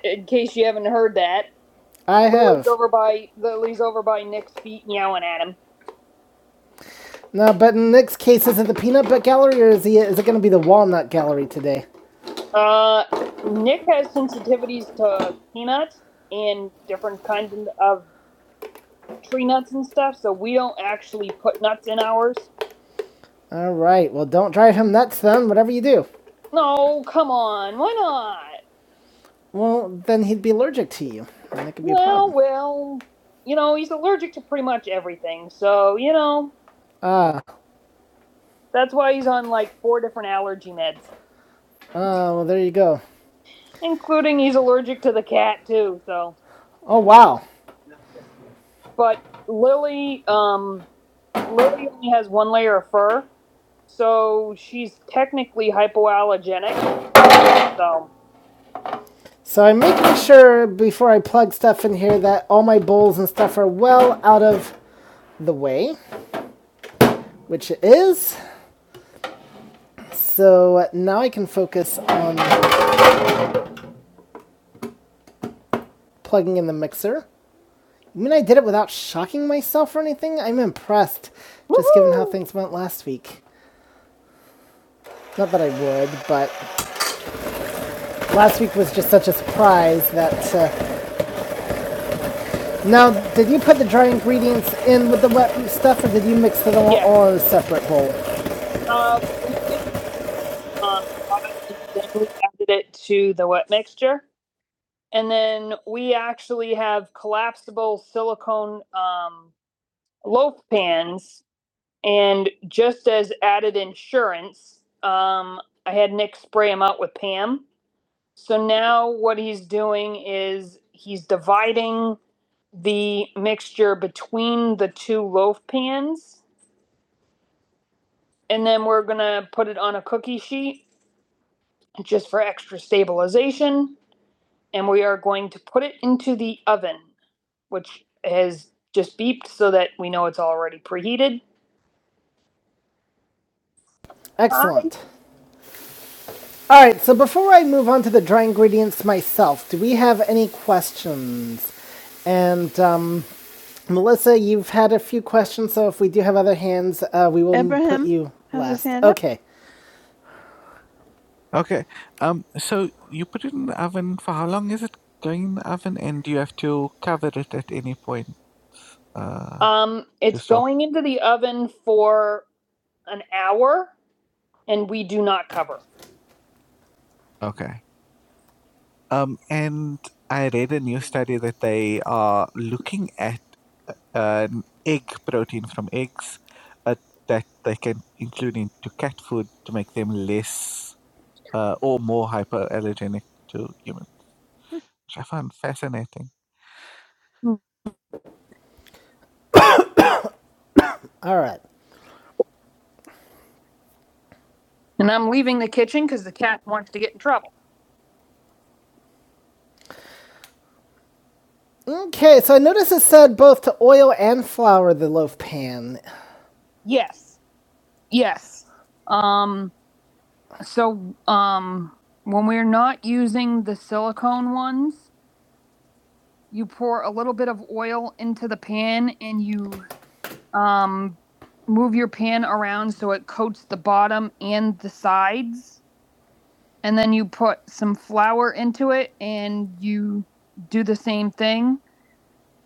Speaker 1: In case you haven't heard that, I have. lives over by that lives over by Nick's feet meowing at him. No, but in Nick's case, is it the peanut butt gallery or is he is it going to be the walnut gallery today? Uh, Nick has sensitivities to peanuts and different kinds of tree nuts and stuff, so we don't actually put nuts in ours. All right. Well, don't drive him nuts then. Whatever you do. No, come on, why not? Well, then he'd be allergic to you, and that could be a Well, a problem. well, well, you know, he's allergic to pretty much everything, so, you know, Ah. Uh. That's why he's on like four different allergy meds, Oh, well, there you go. including he's allergic to the cat too. So, Oh, wow. but Lily, um, Lily only has one layer of fur, so she's technically hypoallergenic. So, So I'm making sure before I plug stuff in here that all my bowls and stuff are well out of the way, which it is. So now I can focus on plugging in the mixer. I mean, I did it without shocking myself or anything. I'm impressed, Woo-hoo! just given how things went last week. Not that I would, but last week was just such a surprise that. Uh, now, did you put the dry ingredients in with the wet stuff, or did you mix it all, Yeah. all in a separate bowl? Um, um, we added it to the wet mixture, and then we actually have collapsible silicone um, loaf pans And just as added insurance, um, I had Nick spray him out with Pam. So now what he's doing is he's dividing the mixture between the two loaf pans. And then we're going to put it on a cookie sheet just for extra stabilization. And we are going to put it into the oven, which has just beeped so that we know it's already preheated. Excellent. All right, so before I move on to the dry ingredients myself, do we have any questions? And um, Melissa, you've had a few questions, so if we do have other hands, uh, we will Abraham, put you last. Okay. Okay. Um. So you put it in the oven. For how long is it going in the oven? And do you have to cover it at any point? Uh, Um, it's going into the oven for an hour, and we do not cover. Okay. Um, and I read a new study that they are looking at an egg protein from eggs uh, that they can include into cat food to make them less uh, or more hypoallergenic to humans, which I found fascinating. All right. And I'm leaving the kitchen because the cat wants to get in trouble. Okay, so I noticed it said both to oil and flour the loaf pan. Yes. Yes. Um, So, um, when we're not using the silicone ones, you pour a little bit of oil into the pan and you um, move your pan around so it coats the bottom and the sides. And then you put some flour into it and you do the same thing.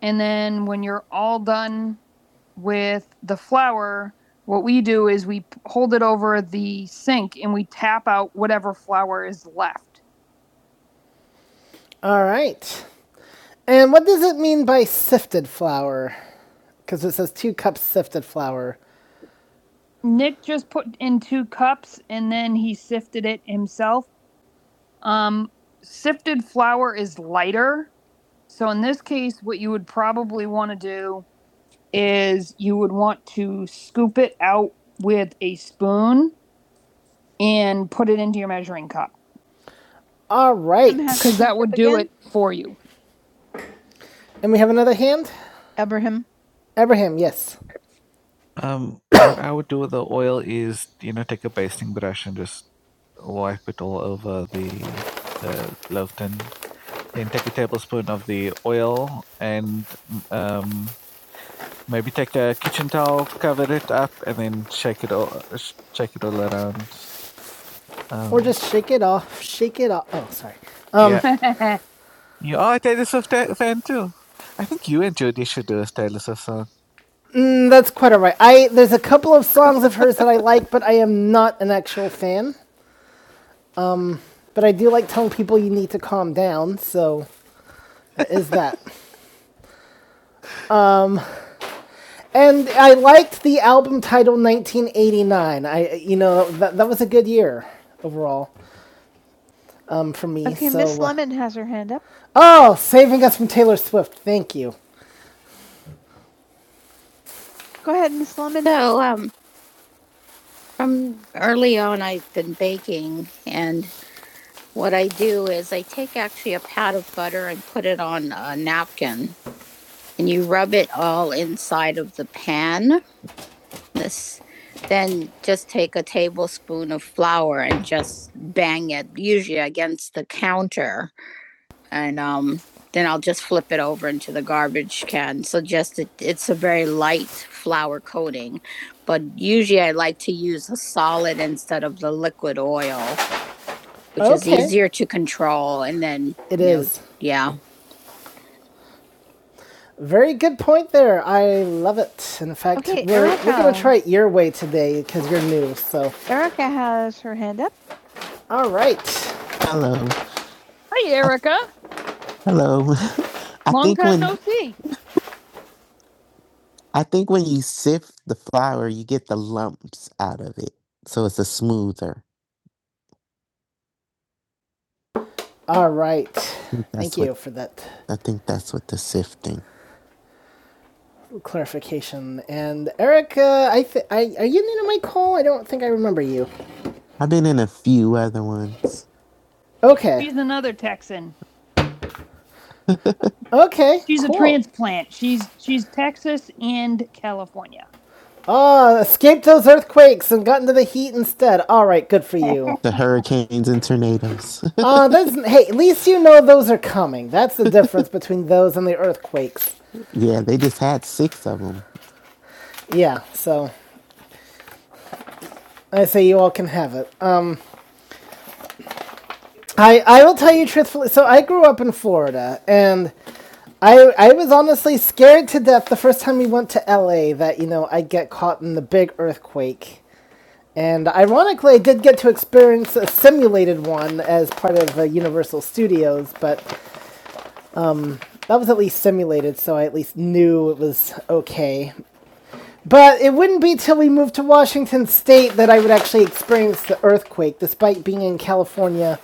Speaker 1: And then when you're all done with the flour, what we do is we hold it over the sink and we tap out whatever flour is left. All right. And what does it mean by sifted flour? Because it says two cups sifted flour. Nick just put in two cups and then he sifted it himself. Sifted flour is lighter. So in this case, what you would probably want to do is you would want to scoop it out with a spoon and put it into your measuring cup All right. because that would do it for you. And we have another hand? Abraham. Abraham, yes. I would do with the oil is, you know, take a basting brush and just wipe it all over the, the loaf tin. Then take a tablespoon of the oil and maybe take a kitchen towel, cover it up, and then shake it all, shake it all around. Um, Or Um, just shake it off. Shake it off. Oh, sorry. Um, yeah. You are a Taylor Swift ta- fan too. I think you and Judy should do a Taylor Swift song. mm, that's quite all right. I there's a couple of songs of hers that I like, but I am not an actual fan. But I do like telling people you need to calm down, so that is that. and I liked the album title 1989. I, you know, that, that was a good year overall um, for me. Okay, so, Miss Lemon has her hand up. Oh, saving us from Taylor Swift. Thank you. Go ahead, Miss Lemon. So, um, from early on, I've been baking, and what I do is I take actually a pat of butter and put it on a napkin, and you rub it all inside of the pan, this then just take a tablespoon of flour and just bang it usually against the counter and um then I'll just flip it over into the garbage can. So just it, it's a very light flour coating, but usually I like to use a solid instead of the liquid oil, which okay. is Okay. easier to control. And then it is, know, yeah, Very good point there. I love it. In fact, Okay, we're, we're going to try it your way today because you're new. So, Erica has her hand up. all right. Hello. Hi, Erica. Uh, Hello. I Long think time when no see. I flour, you get the lumps out of it. So it's a smoother. All right. Thank you What, for that I think that's what the sifting. clarification. And Erica, I, th- I are you new to my call? I don't think I remember you. I've been in a few other ones. Okay. She's another Texan. Okay. She's cool. a transplant. She's she's Texas and California. Ah, escaped those earthquakes and got into the heat instead. All right, good for you. The hurricanes and tornadoes. Ah, that's hey. At least you know those are coming. That's the difference between those and the earthquakes. yeah, they just had six of them. Yeah, so I say you all can have it. Um, I I will tell you truthfully. So I grew up in Florida, and I I was honestly scared to death the first time we went to LA that you know I'd get caught in the big earthquake. And ironically, I did get to experience a simulated one as part of uh, Universal Studios, but that was at least simulated, so I at least knew it was okay. But it wouldn't be till we moved to Washington State that I would actually experience the earthquake, despite being in California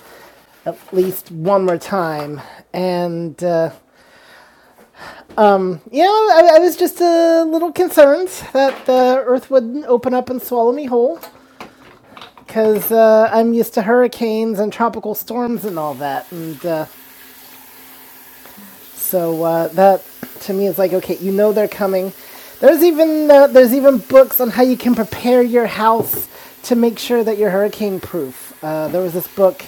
Speaker 1: at least one more time. And uh, Yeah, I, I was just a little concerned that the Earth wouldn't open up and swallow me whole, because uh, I'm used to hurricanes and tropical storms and all that. And uh, so uh, that to me is like, okay, you know they're coming. There's even uh, there's even books on how you can prepare your house to make sure that you're hurricane proof. Uh, there was this book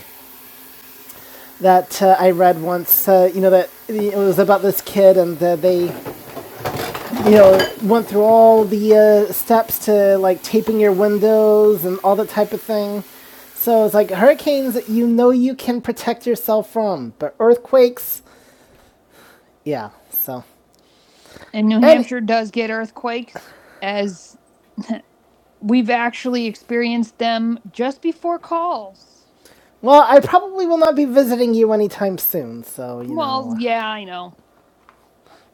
Speaker 1: that uh, I read once. Uh, you know that it was about this kid and uh, they you know, went through all the uh, steps to like taping your windows and all that type of thing. So it's like hurricanes, you know, you can protect yourself from, but earthquakes, yeah. So And New And- Hampshire and, does get earthquakes, as we've actually experienced them just before calls. well, I probably will not be visiting you anytime soon. So you Well, know, Well, yeah, I know.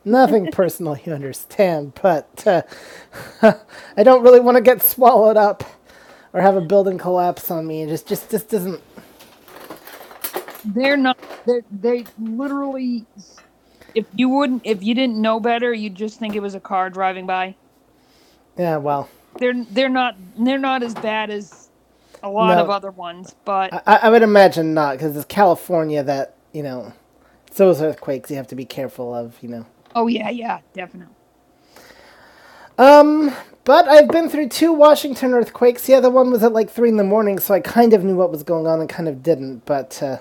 Speaker 1: nothing personal, you understand. But uh, I don't really want to get swallowed up. or have a building collapse on me. It just just just doesn't. They're not. They they literally. If you wouldn't, if you didn't know better, you'd just think it was a car driving by. Yeah, well, They're they're not they're not as bad as a lot No. of other ones, but I, I would imagine not because it's California that you know it's those earthquakes you have to be careful of. You know, oh yeah, yeah, definitely. Um, but I've been through two Washington earthquakes. Yeah, The other one was at like three in the morning, so I kind of knew what was going on and kind of didn't. But uh,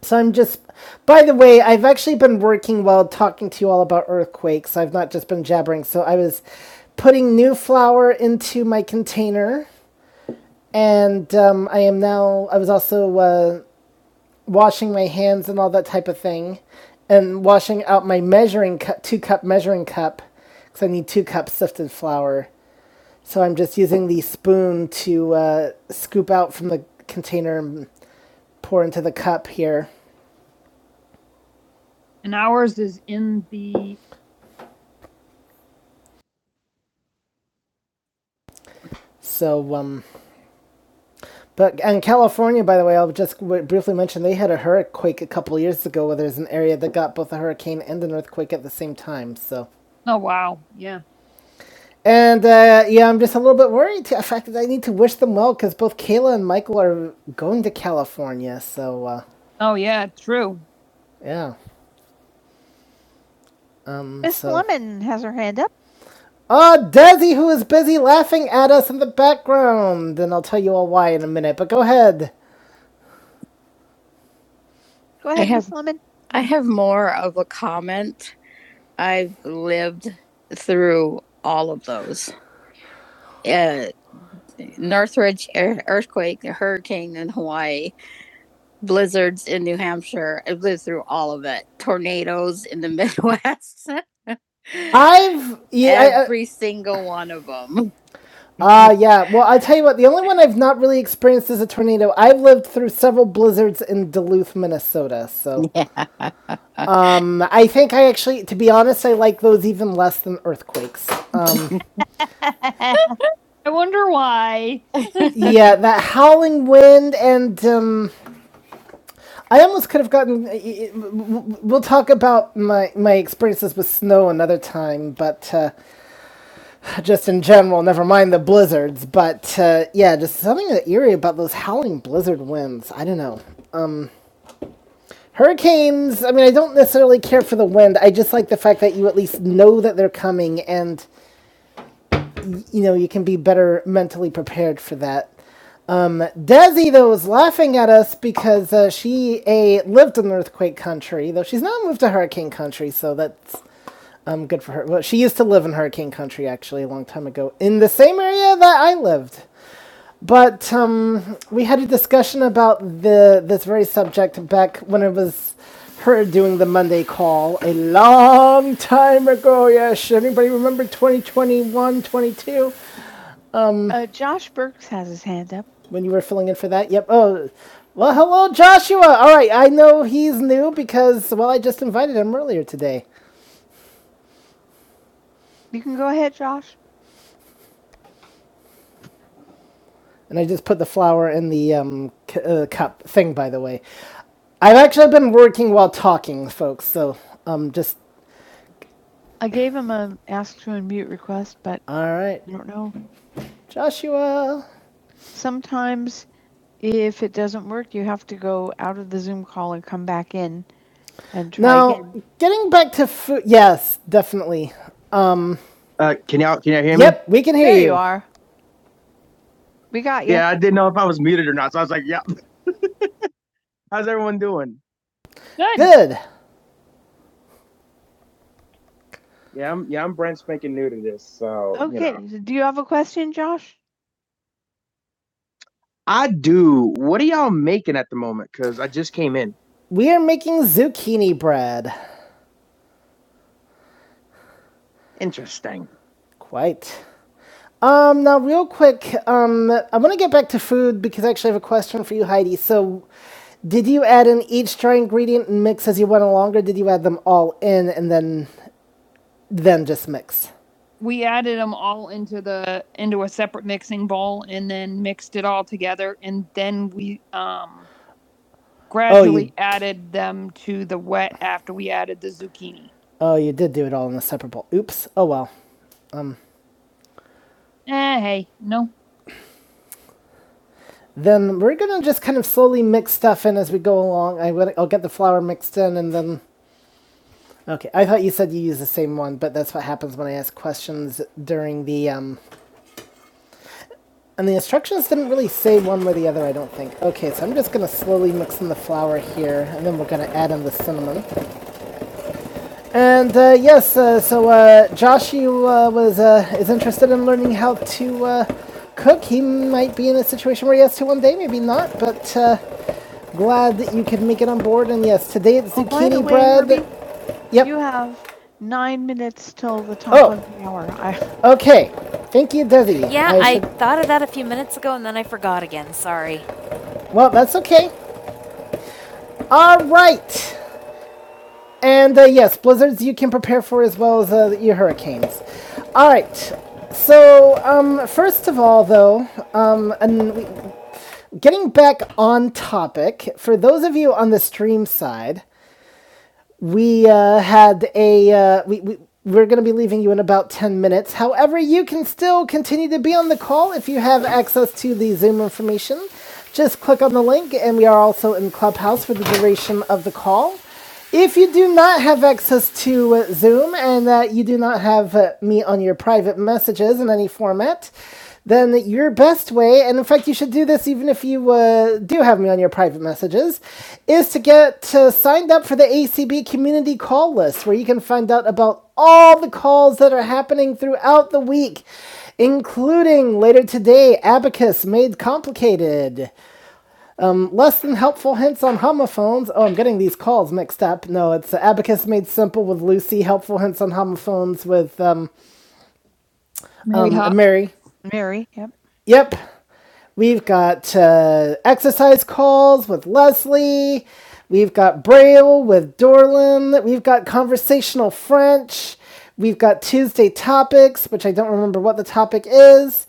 Speaker 1: so I'm just. By the way, I've actually been working while talking to you all about earthquakes. I've not just been jabbering. So I was putting new flour into my container, and um, I am now. I was also uh, washing my hands and all that type of thing, and washing out my measuring cup, two cup measuring cup, because I need two cups sifted flour So I'm just using the spoon to uh, scoop out from the container and pour into the cup here. And ours is in the. So, um, but and California, by the way, I'll just briefly mention they had a hurricane a couple years ago where there's an area that got both a hurricane and an earthquake at the same time. So, Oh, wow. Yeah. and uh, yeah, I'm just a little bit worried. The fact that I need to wish them well because both Kayla and Michael are going to California. So, uh, Oh, yeah. True. yeah, Um, Miss so- Lemon has her hand up. Ah, oh, Desi, who is busy laughing at us in the background, and I'll tell you all why in a minute. But go ahead. Go ahead, have- Miss Lemon. I have more of a comment. I've lived through all of those. Uh, Northridge e-, earthquake, hurricane in Hawaii, blizzards in New Hampshire. I've lived through all of it. Tornadoes in the Midwest. I've yeah, every I- I- Every single one of them. Ah, uh, yeah. Well, I tell you what, the only one I've not really experienced is a tornado. I've lived through several blizzards in Duluth, Minnesota. So, Yeah. um, I think I actually, to be honest, I like those even less than earthquakes. Um, I wonder why. yeah, that howling wind, and um, I almost could have gotten. We'll talk about my my experiences with snow another time, but uh, just in general, never mind the blizzards. But uh, yeah, just something eerie about those howling blizzard winds. I don't know. Hurricanes, I mean, I don't necessarily care for the wind. I just like the fact that you at least know that they're coming and, you know, you can be better mentally prepared for that. Desi, though, is laughing at us because uh, she, A, lived in earthquake country, though she's now moved to hurricane country, so that's um, good for her. Well, she used to live in hurricane country, actually, a long time ago, in the same area that I lived. But um, we had a discussion about the this very subject back when it was her doing the Monday call a long time ago. Yes, anybody remember 2021, 22? Uh, Josh Burks has his hand up. when you were filling in for that. Yep. Oh, well, hello, Joshua. All right, I know he's new because well, I just invited him earlier today, You can go ahead, Josh. and I just put the flower in the um, c- uh, cup thing, by the way. I've actually been working while talking, folks, so um just I gave him an ask to unmute request, but all right. I don't know. Joshua. Sometimes if it doesn't work, you have to go out of the Zoom call and come back in and try Now, again. Now, getting back to food. Yes, definitely. Um Can you hear me? yep, we can hear There you. There you are. We got you. Yeah, I was muted or not. So I was like, yeah, how's everyone doing? Good. Good. Yeah, I'm yeah, I'm brand spanking new to this. So you Okay. you know. so Do you have a question, Josh? Dude, what are y'all making at the moment? Because I just came in. We are making zucchini bread. Interesting. Quite. Um, now, real quick, um, I want to get back to food because I actually have a question for you, Heidi. So, did you add in each dry ingredient and mix as you went along, or did you add them all in and then then just mix? We added them all into the into a separate mixing bowl and then mixed it all together and then we um gradually oh, you- added them to the wet after we added the zucchini. Oh, you did do it all in a separate bowl. Oops. Oh well. Eh, hey, no. Then we're gonna just kind of slowly mix stuff in as we go along. I will, I'll get the flour mixed in and then. Okay, I thought you said you use the same one, but that's what happens when I ask questions during the um. And the instructions didn't really say one way or the other. I don't think. Okay, so I'm just gonna slowly mix in the flour here, and then we're gonna add in the cinnamon. And uh, yes, uh, so uh, Josh, you uh, was uh, is interested in learning how to uh, cook. He might be in a situation where he has to one day, maybe not. But uh, glad that you could make it on board. And yes, today it's Oh, zucchini by the zucchini way, bread. Ruby, Yep. you have nine minutes till the top Oh, of the hour. I okay. Thank you, Desi. Yeah, I should... I thought of that a few minutes ago and then I forgot again. Sorry. Well, that's okay. All right. And uh, yes, blizzards you can prepare for as well as uh, your hurricanes. All right. So um, first of all, though, um, and getting back on topic for those of you on the stream side, we uh, had a uh, we, we we're going to be leaving you in about 10 minutes however you can still continue to be on the call if you have access to the zoom information just click on the link and we are also in clubhouse for the duration of the call if you do not have access to uh, zoom and uh, you do not have uh, me on your private messages in any format then your best way, and in fact, you should do this even if you uh, do have me on your private messages, is to get uh, signed up for the ACB community call list where you can find out about all the calls that are happening throughout the week, including later today Abacus Made Complicated, Um, Less Than Helpful Hints on Homophones. Oh, I'm getting these calls mixed up. No, it's Abacus Made Simple with Lucy, Helpful Hints on Homophones with um, Mary um, Mary. Mary. Yep. Yep. We've got uh, exercise calls with Leslie. We've got Braille with Dorlin. We've got conversational French. We've got Tuesday topics, which I don't remember what the topic is.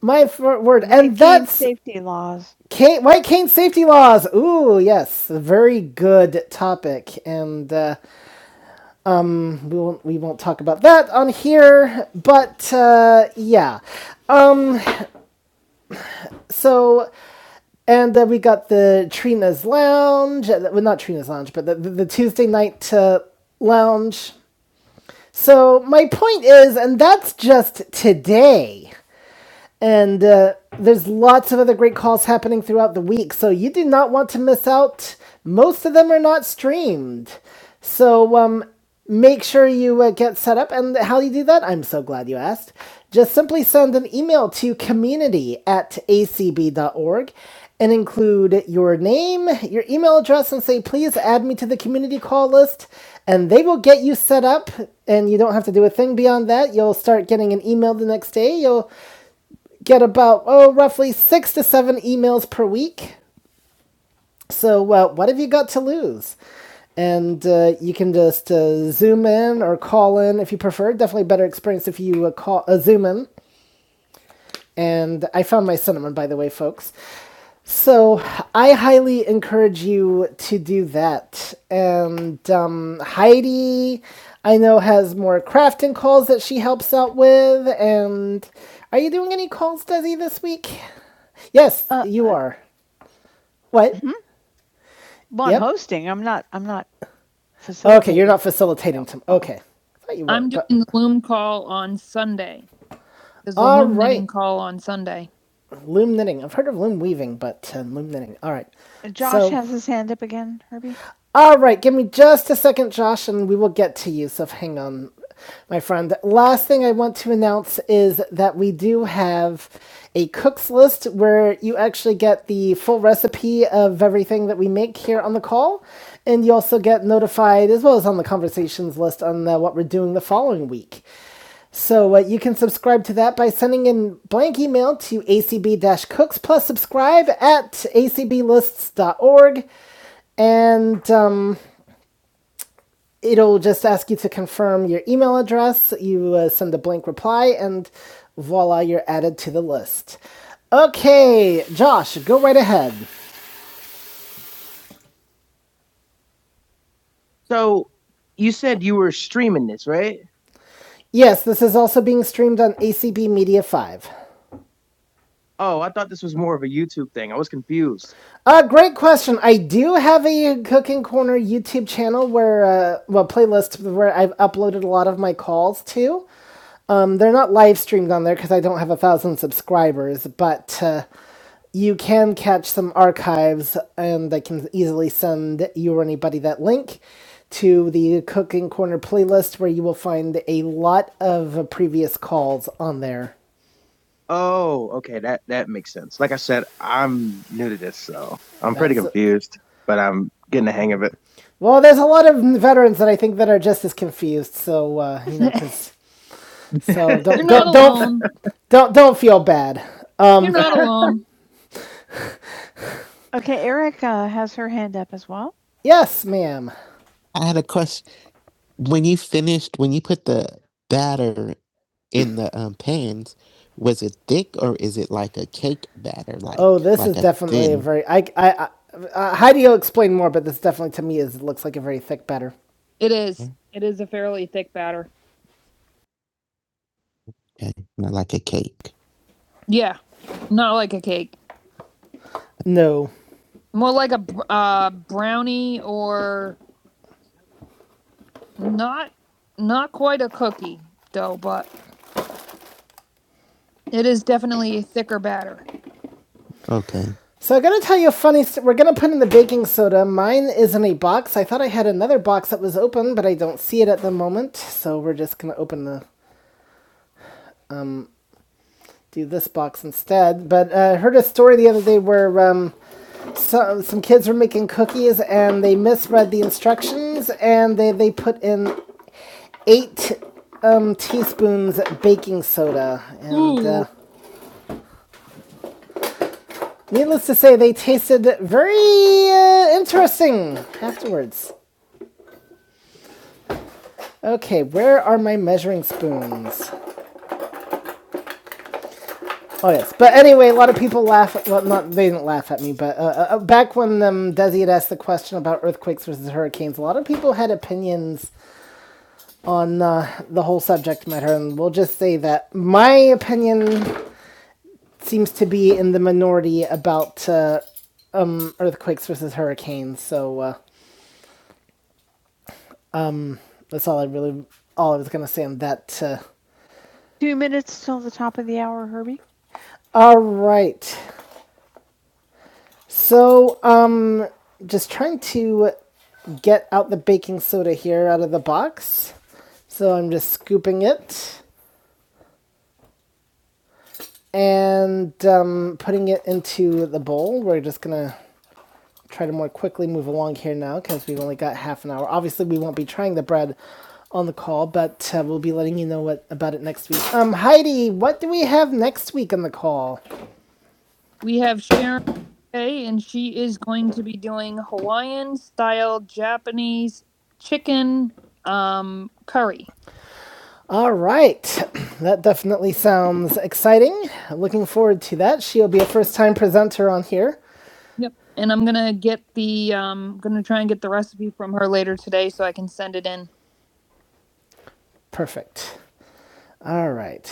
Speaker 1: My word, and White that's safety laws. Cane White Cane safety laws. Ooh, yes, a very good topic, and uh, we won't we won't talk about that on here. But uh, yeah, um, so And then we got the Trina's Lounge. uh, Well, not Trina's Lounge, but the, the, the Tuesday night uh, lounge. So my point is, and that's just today. And uh, there's lots of other great calls happening throughout the week, so you do not want to miss out. Most of them are not streamed. So um, make sure you uh, get set up. And how do you do that? I'm so glad you asked. Just simply send an email to community at acb dot org, and include your name, your email address, and say, please add me to the community call list. And they will get you set up, and you don't have to do a thing beyond that. You'll start getting an email the next day. You'll get about, oh, roughly six to seven emails per week. So, uh, what have you got to lose? And uh, you can just uh, zoom in or call in if you prefer. Definitely better experience if you uh, call uh, zoom in. And I found my cinnamon, by the way, folks. So I highly encourage you to do that. And um, Heidi, I know, has more crafting calls that she helps out with. And are you doing any calls, Desi, this week? Yes, uh, you are. What? Mm-hmm. Well, I'm Yep. hosting. I'm not. I'm not. Okay, you're not facilitating. Tom- okay. I thought you were, I'm but- doing but... the Loom call on Sunday. All right. call on Sunday loom knitting. I've heard of loom weaving, but uh, loom knitting. All right. Josh So- has his hand up again, Herbie. All right, give me just a second, Josh, and we will get to you. So hang on, my friend. Last thing I want to announce is that we do have a cook's list where you actually get the full recipe of everything that we make here on the call. And you also get notified, as well as on the conversations list, on uh, what we're doing the following week. So uh, you can subscribe to that by sending in blank email to acb-cooks plus subscribe at acblists.org, and um, it'll just ask you to confirm your email address. You uh, send a blank reply, and voila, you're added to the list. Okay, Josh, go right ahead. So you were humanist. Yes, this is also being streamed on ACB Media 5. Oh, I thought this was more of a YouTube thing. I was confused. Uh, great question. I do have a Cooking Corner YouTube channel where, uh, well, playlist where I've uploaded a lot of my calls to. Um, they're not live streamed on there because I don't have a thousand subscribers, but uh, you can catch some archives and I can easily send you or anybody that link to the Cooking Corner playlist where you will find a lot of uh, previous calls on there. Oh, okay, that that makes sense. Like I said, I'm new to this, so I'm pretty That's- confused in the hang of it. Well, there's a lot of veterans that I think that are just as confused. So uh, you know, 'cause- so don't not do not don't don't don't feel bad. Um, You're Um, not alone. Okay, Erica has her hand up as well. yes, ma'am. When you finished, when you put the batter in the um, pans, was it thick or is it like a cake batter, like Oh, this like is a definitely a thin? very. I, I, I, uh, Heidi will explain more, but this definitely to me is looks like a very thick batter. It is. Mm. It is a fairly thick batter. Yeah, not like a cake. No, More like a uh, brownie or not not quite a cookie though, but it is definitely a thicker batter. Okay. So I'm gonna tell you a funny. St- we're gonna put in the baking soda. Mine is in a box. I thought I had another box that was open, but I don't see it at the moment. So we're just gonna open the do this box instead. But uh, I heard a story the other day where um, so, some kids were making cookies and they misread the instructions and they they put in eight um, teaspoons baking soda and. Uh, Needless to say, they tasted very uh, interesting afterwards. Okay, where are my measuring spoons? Oh yes, but anyway, a lot of people laugh. At, well, not they didn't laugh at me, but uh, uh, uh, back when um, Desi had asked the question about earthquakes versus hurricanes, a lot of people had opinions on uh, the whole subject matter, and we'll just say that my opinion seems to be in the minority about uh, earthquakes versus hurricanes. So uh, that's all I really, all I was gonna say on that. Uh, Two minutes till the top of the hour, Herbie. all right. So, um, just trying to get out the baking soda here out of the box. So I'm just scooping it and um, putting it into the bowl. We're just gonna try to more quickly move along here now because we've only got half an hour. Obviously, we won't be trying the bread on the call, but uh, we'll be letting you know what about it next week. Um, Heidi, what do we have next week on the call? We have Sharon Kay, and she is going to be doing Hawaiian style Japanese chicken um, curry. All right, that definitely sounds exciting. Looking forward to that. She'll be a first time presenter on here. Yep. And I'm gonna get the um, gonna try and get the recipe from her later today so I can send it in. Perfect. All right.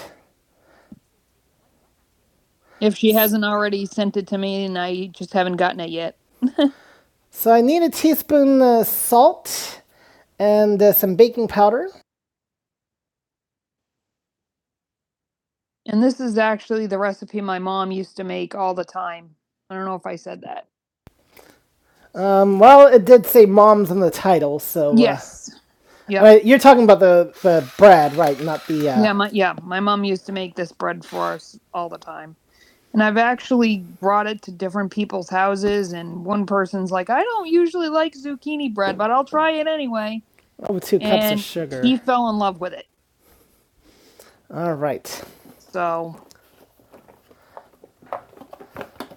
Speaker 1: If she hasn't already sent it to me and I just haven't gotten it yet. So I need a teaspoon of salt and uh, some baking powder. And this is actually the recipe my mom used to make all the time. I don't know if I said that. Um, well, it did say "moms" in the title, so uh, Yes. Uh, Yeah. all right, you're talking about the the bread, right? Not the uh, Yeah, my yeah, my mom used to make this bread for us all the time. And I've actually brought it to different people's houses and one person's like, "I don't usually like zucchini bread, but I'll try it anyway." Oh, With two cups And of sugar. he fell in love with it. All right. So,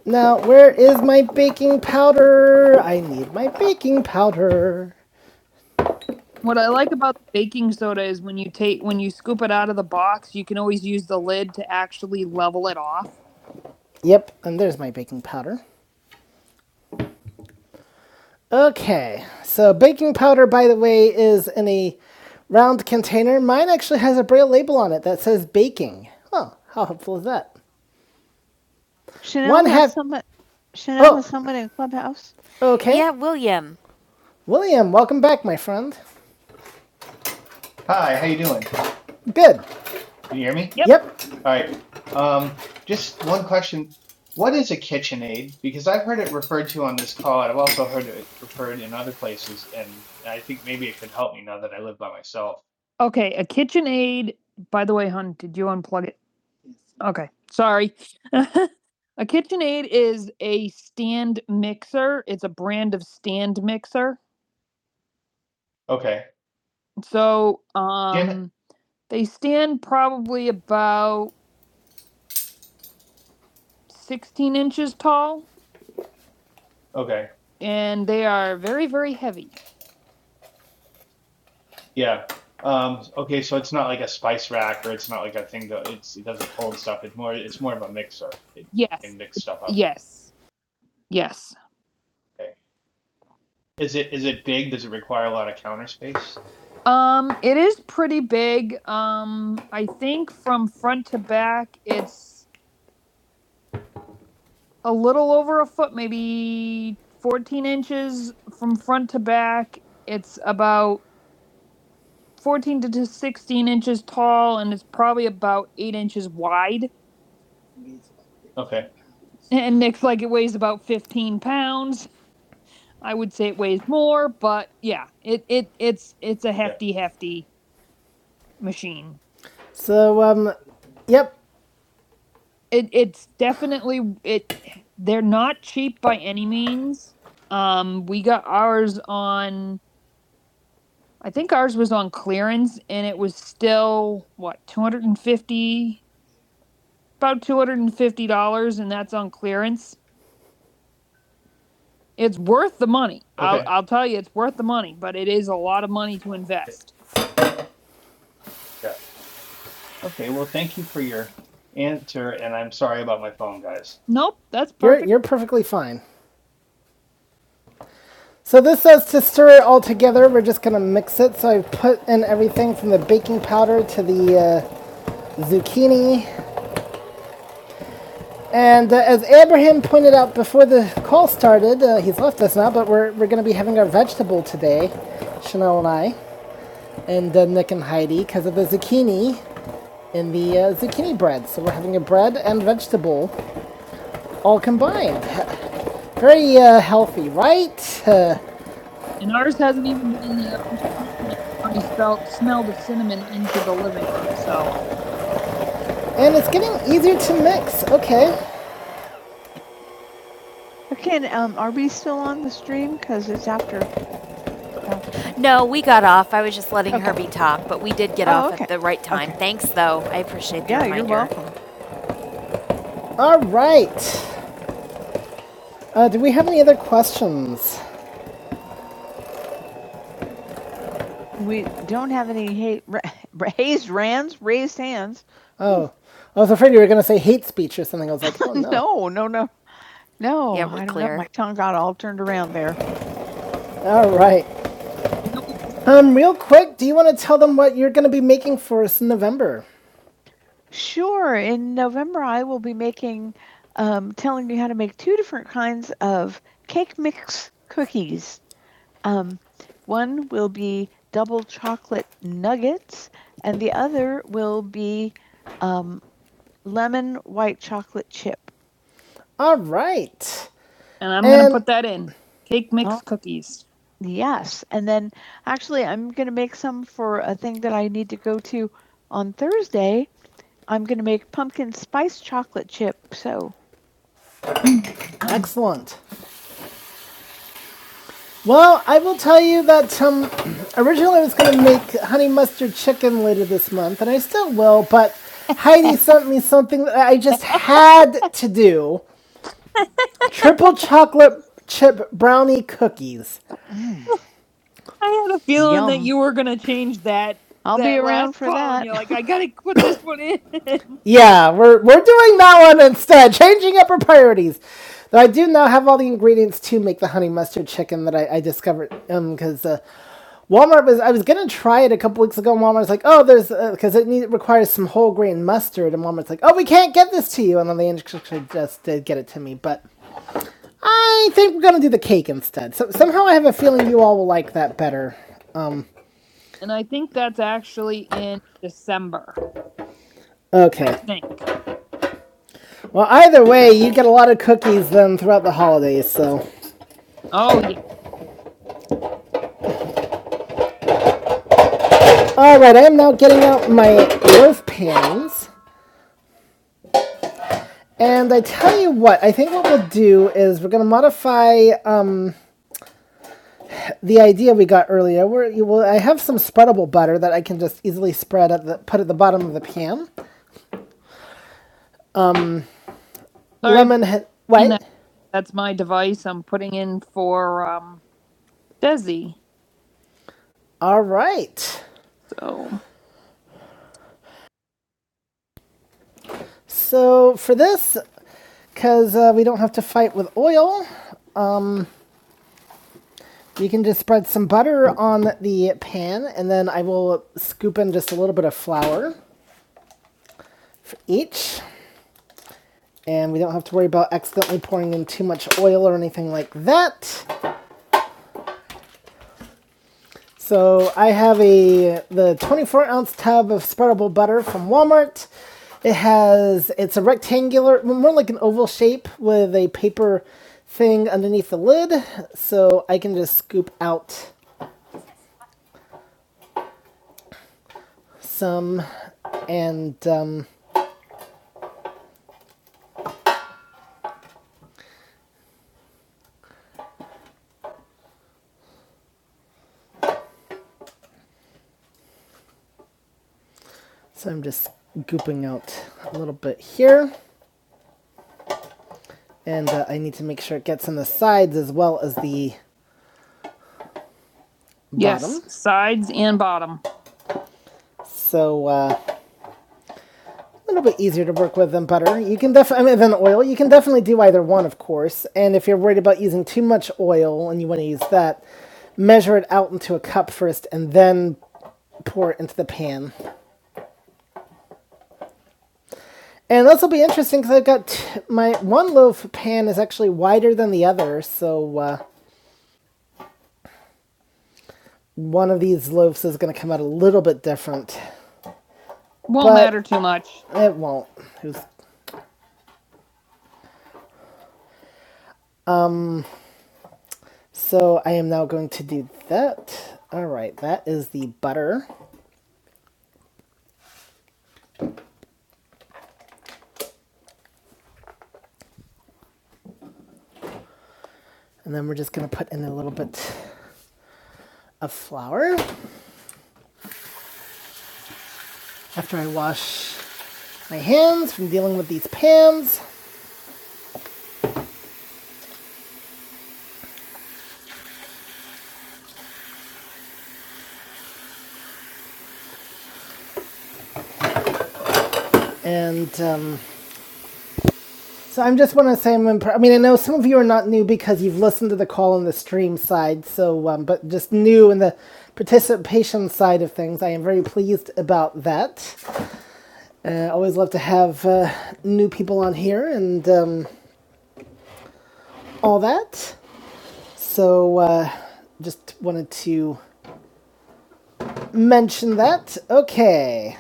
Speaker 1: Now, where is my baking powder? I need my baking powder. What I like about baking soda is when you take when you scoop it out of the box, you can always use the lid to actually level it off. Yep, and there's my baking powder. Okay, so baking powder, by the way, is in a round container. Mine actually has a braille label on it that says baking. Oh, how helpful is that? Chanel One has half- somebody. Chanel Oh. has somebody in clubhouse. Okay. Yeah, William. William, welcome back, my friend.
Speaker 3: Hi, how you doing?
Speaker 1: Good.
Speaker 3: Can you hear me?
Speaker 1: Yep. Yep.
Speaker 3: All right. Um, just one question. What is a KitchenAid? Because I've heard it referred to on this call, and I've also heard it referred in other places, and I think maybe it could help me now that I live by myself.
Speaker 1: Okay, a KitchenAid. By the way, hun, did you unplug it? Okay, sorry. a KitchenAid is a stand mixer. It's a brand of stand mixer.
Speaker 3: Okay.
Speaker 1: So,
Speaker 3: Jim?
Speaker 1: um, they stand probably about 16 inches tall,
Speaker 3: Okay.
Speaker 1: and they are very, very heavy.
Speaker 3: Yeah. Um, okay, so it's not like a spice rack or it's not like a thing that it's it doesn't hold stuff. It's more it's more of a mixer. It can
Speaker 1: Yes,
Speaker 3: mix stuff up.
Speaker 1: yes, yes.
Speaker 3: Okay. Is it is it big? Does it require a lot of counter space?
Speaker 1: Um, it is pretty big. Um, I think from front to back, it's a little over a foot, maybe 14 inches from front to back. It's about 14 to to 16 inches tall and it's probably about 8 inches wide.
Speaker 3: Okay.
Speaker 1: And Nick's like, it weighs about 15 pounds. I would say it weighs more, but yeah, it, it it's it's a
Speaker 3: Yeah.
Speaker 1: hefty, hefty machine. So, um, yep. It it's definitely it they're not cheap by any means. Um we got ours on I think ours was on clearance and it was still what 250 about $250 and that's on clearance. It's worth the money. I'll
Speaker 3: Okay.
Speaker 1: I'll tell you it's worth the money, but it is a lot of money to invest.
Speaker 3: Yeah. Okay, well, thank you for your answer, and I'm sorry about my phone, guys.
Speaker 1: Nope, that's You're, perfect. you're you're perfectly fine. So this says to stir it all together. We're just gonna mix it. So I put in everything from the baking powder to the uh, zucchini And uh, as Abraham pointed out before the call started, uh, he's left us now, but we're, we're going to be having our vegetable today, Chanel and I, and uh, Nick and Heidi, because of the zucchini in the uh, zucchini bread. So we're having a bread and vegetable all combined. Very uh, healthy, right? Uh, And ours hasn't even been in the oven. Already felt smelled the cinnamon into the living room. So and it's getting easier to mix. Okay. Okay, and, um, are we still on the stream? Because it's after No, we got off. I was just letting okay. Herbie talk, but we did get Oh, off okay. at the right time. Okay. Thanks, though. I appreciate the Yeah, reminder. Yeah, you're welcome. All right. Uh, do we have any other questions? We don't have any hate, ra- raised hands, raised hands. Oh, I was afraid you were going to say hate speech or something. I was like, oh no. No, no, no, no. Yeah, I we're don't know, My tongue got all turned around there. All right. Um, real quick, do you want to tell them what you're going to be making for us in November? Sure. In November, I will be making, um, telling you how to make two different kinds of cake mix cookies. One will be double chocolate nuggets, and the other will be lemon white chocolate chip. All right. And I'm going to And put that in cake mix Oh, cookies. yes. And then actually, I'm going to make some for a thing that I need to go to on Thursday. I'm going to make pumpkin spice chocolate chip. So Excellent. Well, I will tell you that um, originally I was going to make honey mustard chicken later this month, and I still will, but Heidi sent me something that I just had to do triple chocolate chip brownie cookies. I had a feeling Yum. that you were gonna change that. I'll that be around for that. You're like, I gotta put this one in. Yeah, we're we're doing that one instead, changing up our priorities. Though I do now have all the ingredients to make the honey mustard chicken that I, I discovered because um, uh, Walmart was I was gonna try it a couple weeks ago. And Walmart's like, oh, there's because uh, it need, requires some whole grain mustard, and Walmart's like, oh, we can't get this to you, and then they actually just did get it to me. But I think we're gonna do the cake instead. So somehow I have a feeling you all will like that better and I think that's actually in December. Okay. I think. Well, either way, you get a lot of cookies then throughout the holidays, so. Oh yeah. Alright, I am now getting out my loaf pans. And I tell you what, I think what we'll do is we're going to modify uh, the idea we got earlier. Where you will, I have some spreadable butter that I can just easily spread at the put at the bottom of the pan. Sorry, Lemon, he- what? that's my device. I'm putting in for um Desi. All right. So So for this, because uh, we don't have to fight with oil, you can just spread some butter on the pan, and then I will scoop in just a little bit of flour each. And we don't have to worry about accidentally pouring in too much oil or anything like that. So I have a the 24 ounce tub of spreadable butter from Walmart. It has it's a rectangular, more like an oval shape with a paper thing underneath the lid. So I can just scoop out some, and um, so I'm just scooping out a little bit here, and uh, I need to make sure it gets in the sides as well as the bottom. Yes, sides and bottom. So uh, a little bit easier to work with than butter. You can definitely, I mean, than oil. You can definitely do either one, of course. And if you're worried about using too much oil and you want to use that, measure it out into a cup first and then pour it into the pan. And this will be interesting because I've got t- my one loaf pan is actually wider than the other, so uh, one of these loaves is going to come out a little bit different. Won't But matter too much. it won't. So I am now going to do that. All right, that is the butter. And then we're just gonna put in a little bit of flour after I wash my hands from dealing with these pans. And um, so i just want to say I'm impre- I mean I know some of you are not new because you've listened to the call on the stream side. So um, but just new in the participation side of things, I am very pleased about that. I Uh, always love to have uh, new people on here and um, all that. So. Uh, just wanted to mention that. Okay,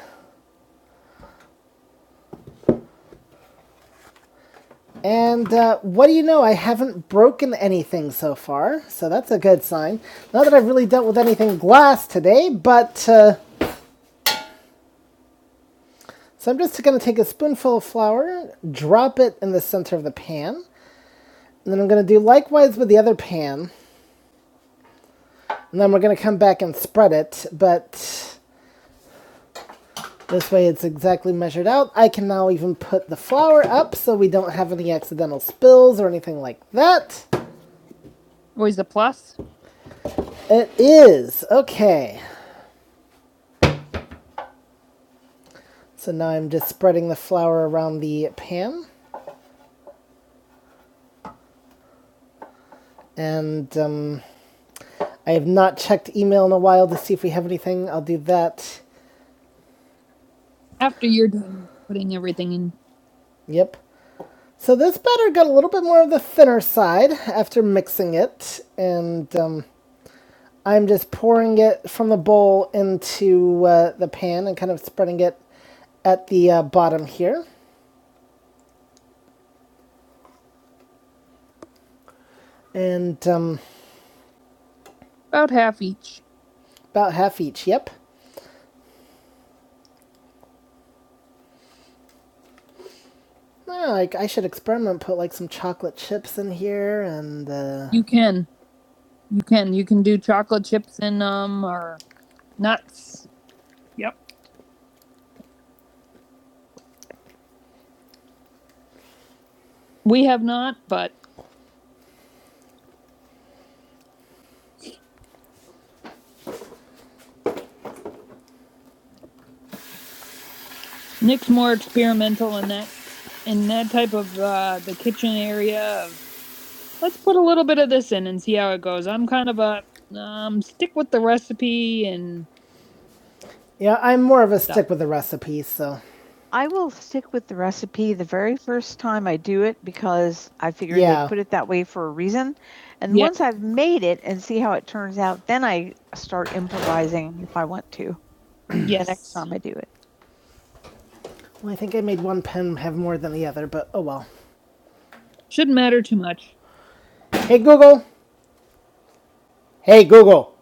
Speaker 1: And uh, what do you know? I haven't broken anything so far, so that's a good sign. Not that I've really dealt with anything glass today, but uh, so I'm just going to take a spoonful of flour, drop it in the center of the pan, and then I'm going to do likewise with the other pan, and then we're going to come back and spread it. But this way, it's exactly measured out. I can now even put the flour up, so we don't have any accidental spills or anything like that. Always a plus. It is. Okay. So now I'm just spreading the flour around the pan. And um, I have not checked email in a while to see if we have anything. I'll do that. After you're done putting everything in. Yep. So this batter got a little bit more of the thinner side after mixing it, and um, I'm just pouring it from the bowl into uh, the pan and kind of spreading it at the uh, bottom here, and um, About half each. about half each. Yep. No, like I should experiment. Put like some chocolate chips in here, and uh, You can. You can. You can do chocolate chips in um or nuts. Yep. We have not, but Nick's more experimental in that in that type of uh, the kitchen area of let's put a little bit of this in and see how it goes. I'm kind of a um stick with the recipe and Yeah, I'm more of a stick no. with the recipe, so I will stick with the recipe the very first time I do it because I figured Yeah. they put it that way for a reason. And Yeah. once I've made it and see how it turns out, then I start improvising if I want to Yes. the Yes. next time I do it. well, I think I made one pen have more than the other, but oh well. Shouldn't matter too much. Hey Google. Hey Google.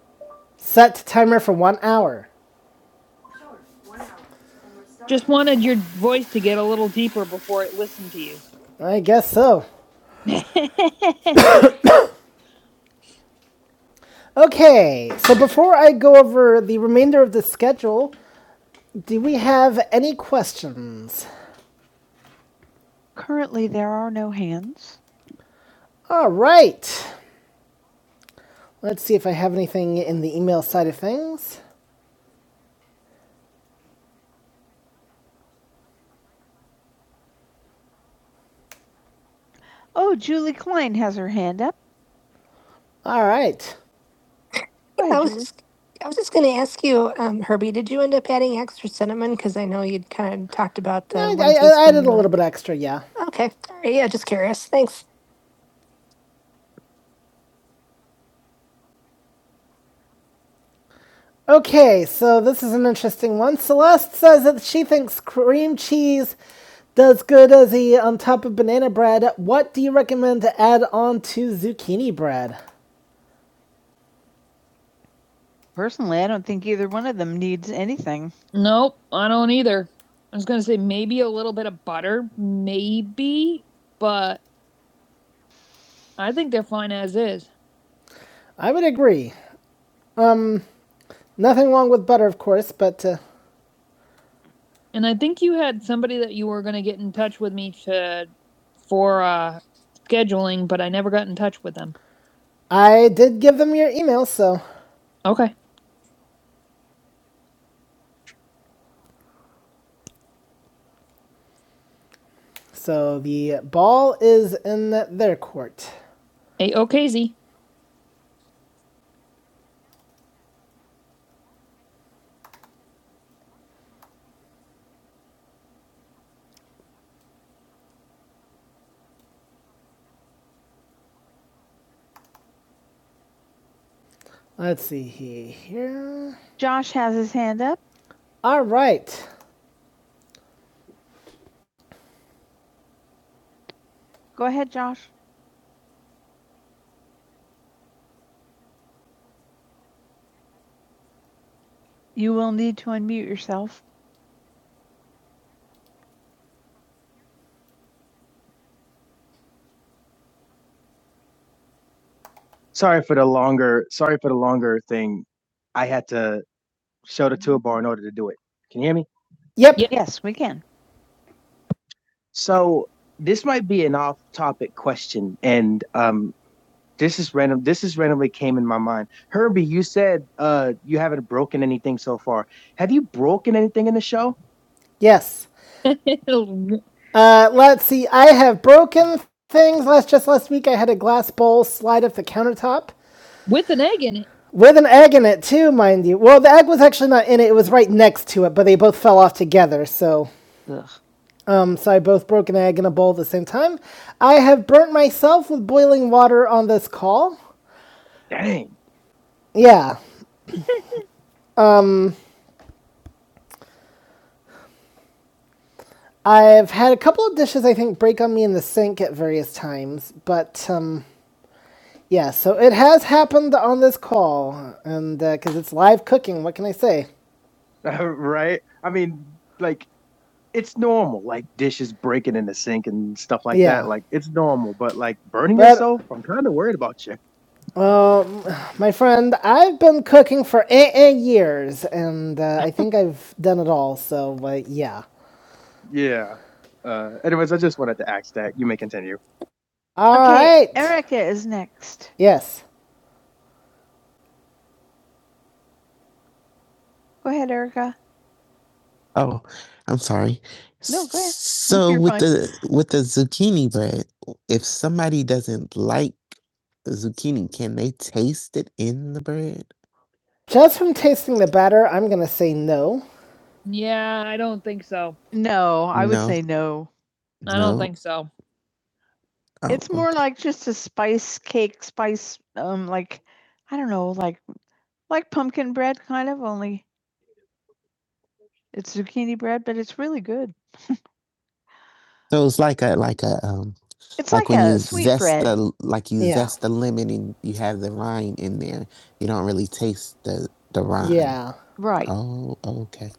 Speaker 1: Set timer for one hour. Just wanted your voice to get a little deeper before it listened to you. I guess so. Okay, so before I go over the remainder of the schedule, do we have any questions? Currently, there are no hands. All right, let's see if I have anything in the email side of things. Oh, Julie Klein has her hand up. All right. Go That was just the extra stuff talked about the I, I, I added a little bit extra, yeah. Okay, so this is an interesting one. Celeste says that she thinks cream cheese Does good as he on top of banana bread. What do you recommend to add on to zucchini bread? Personally, I don't think either one of them needs anything. Nope, I don't either. I was gonna say maybe a little bit of butter, maybe, but I think they're fine as is. I would agree. Um, nothing wrong with butter, of course, but uh, And I think you had somebody that you were gonna get in touch with me to for uh scheduling, but I never got in touch with them. I did give them your email, so Okay. So the ball is in their court. A Let's see here. Josh has his hand up. All right. Go ahead, Josh. You will need to unmute yourself. Sorry for the longer. Sorry for the longer thing. I had to show the toolbar in order to do it. Can you hear me? Yep. Yeah. Yes, we can. So this might be an off-topic question, and um, This is random. This is randomly came in my mind. Herbie, you said uh, you haven't broken anything so far. Have you broken anything in the show? Yes. Uh, let's see. I have broken things. Last just last week, I had a glass bowl slide off the countertop With an egg in it. with an egg in it too, mind you. Well, the egg was actually not in it; it was right next to it, but they both fell off together. So, um, so I both broke an egg in a bowl at the same time. I have burnt myself with boiling water on this call. Yeah. Um. I've had a couple of dishes I think break on me in the sink at various times, but um, yeah, so it has happened on this call, and uh, because it's live cooking, what can I say? right? I mean, like it's normal, like dishes breaking in the sink and stuff like that. Yeah, that, Like it's normal, but like burning but yourself, I'm kind of worried about you. Um, my friend, I've been cooking for eight, years, and uh, I think I've done it all. So, uh, yeah. Yeah. Uh, anyways, I just wanted to ask that. You may continue. All right. okay, right. Erica is next. Yes. Go ahead, Erica. Oh, I'm sorry. No, go ahead. So You're with fine. the with the zucchini bread, if somebody doesn't like the zucchini, can they taste it in the bread? Just from tasting the batter, I'm going to say no. Yeah, I don't think so. No, I no. would No. say no. I no. don't No? think so. Oh, It's more okay. like just a spice cake, spice, um, like I don't know, like like pumpkin bread kind of, only it's zucchini bread, but it's really good. So it's like a like a um It's like like when you a you sweet zest bread. the like you Yeah. zest the lemon and you have the rind in there. You don't really taste the the rind. Yeah. Right. Oh, okay.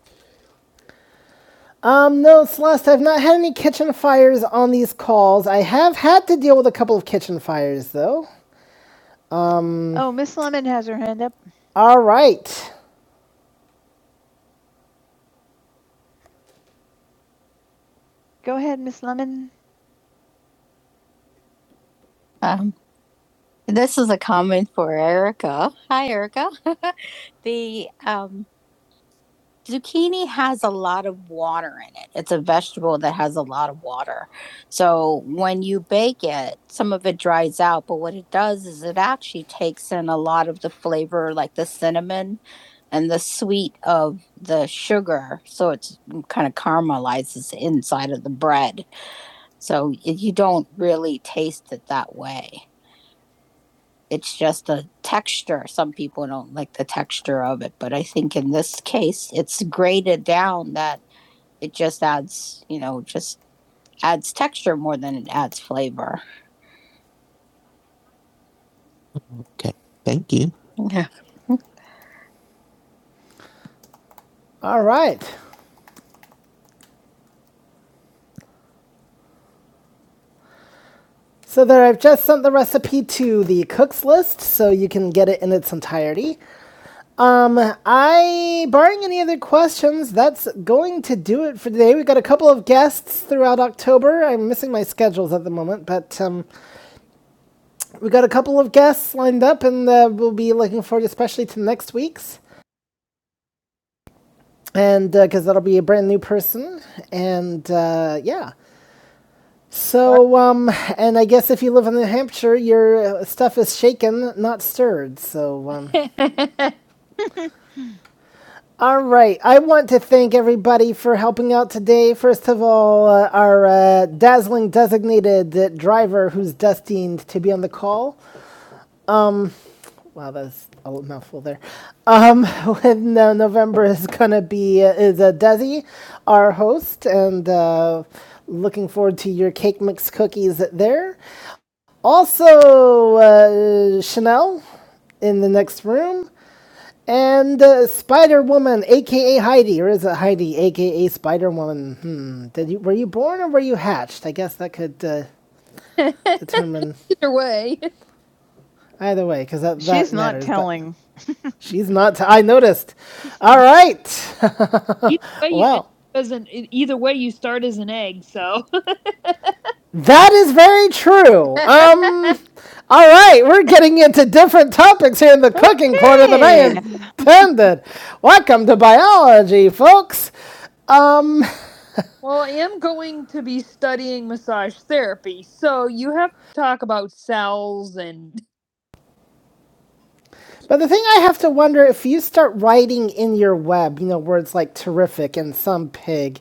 Speaker 1: Um, no, Celeste, I've not had any kitchen fires on these calls. I have had to deal with a couple of kitchen fires, though. Um, Oh, Miss Lemon has her hand up. all right. Go ahead, Miss Lemon. Um, this is a comment for Erica. Hi, Erica. the um, zucchini has a lot of water in it. It's a vegetable that has a lot of water. So when you bake it, some of it dries out, but what it does is it actually takes in a lot of the flavor, like the cinnamon and the sweet of the sugar. So it's kind of caramelizes inside of the bread So you don't really taste it that way. It's just a texture. Some people don't like the texture of it, but I think in this case, it's grated down that it just adds, you know, just adds texture more than it adds flavor. Okay, Thank you. Yeah. All right. So there, I've just sent the recipe to the cook's list, so you can get it in its entirety. Um, I, barring any other questions, that's going to do it for today. We got a couple of guests throughout October. I'm missing my schedules at the moment, but um, we got a couple of guests lined up, and uh, we'll be looking forward, especially to next week's, and because uh, that'll be a brand new person, and uh, yeah. So, um, and I guess if you live in New Hampshire, your uh, stuff is shaken, not stirred. So, um, All right. I want to thank everybody for helping out today. First of all, uh, our uh, dazzling designated uh, driver who's destined to be on the call. Wow, that's a mouthful there. Um, when uh, November is going to be, uh, is uh, Desi, our host, and uh, looking forward to your cake mix cookies there. Also, uh, Chanel in the next room. And uh, Spider Woman, aka Heidi, or is it Heidi, aka Spider Woman? Hmm. Did you were you born or were you hatched? I guess that could uh, determine Either way. either way, because that, that She's not matters, but telling. She's not. T- I noticed. All right. Either way, well, you, Wow. as either way, you start as an egg, so That is very true. Um, all right, we're getting into different topics here in the cooking okay. corner than I Okay. intended. Welcome to biology, folks. Um, Well, I am going to be studying massage therapy, so you have to talk about cells and but the thing I have to wonder if you start writing in your web, you know, words like terrific and some pig,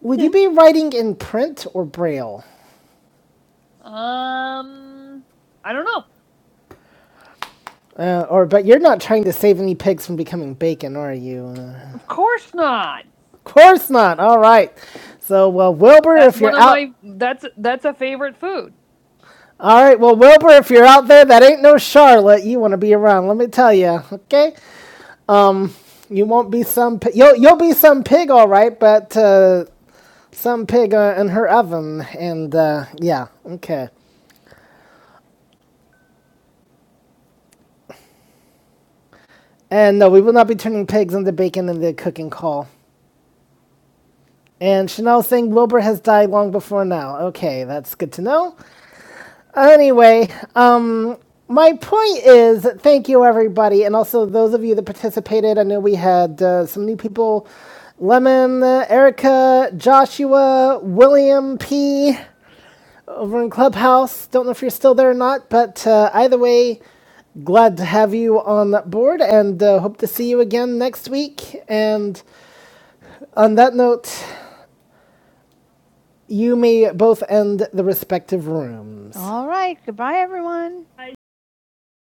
Speaker 1: would you be writing in print or braille? um I don't know. Uh, or but you're not trying to save any pigs from becoming bacon, are you? Uh, Of course not. of course not. All right. So well, Wilbur, That's if one you're of out, my that's that's a favorite food. all right. Well, Wilbur, if you're out there, that ain't no Charlotte. You want to be around? Let me tell you. Okay. Um, you won't be some. Pi- you'll you'll be some pig, all right, but uh, some pig uh, in her oven. And uh, yeah, okay. And no, we will not be turning pigs into bacon in the cooking call. And Chanel saying Wilbur has died long before now. Okay, that's good to know. Anyway, um, my point is thank you, everybody, and also those of you that participated. I know we had uh, some new people Lemon, uh, Erica, Joshua, William P. over in Clubhouse. Don't know if you're still there or not, but uh, either way, glad to have you on board and uh, hope to see you again next week. And on that note, You may both end the respective rooms. All right. Goodbye, everyone.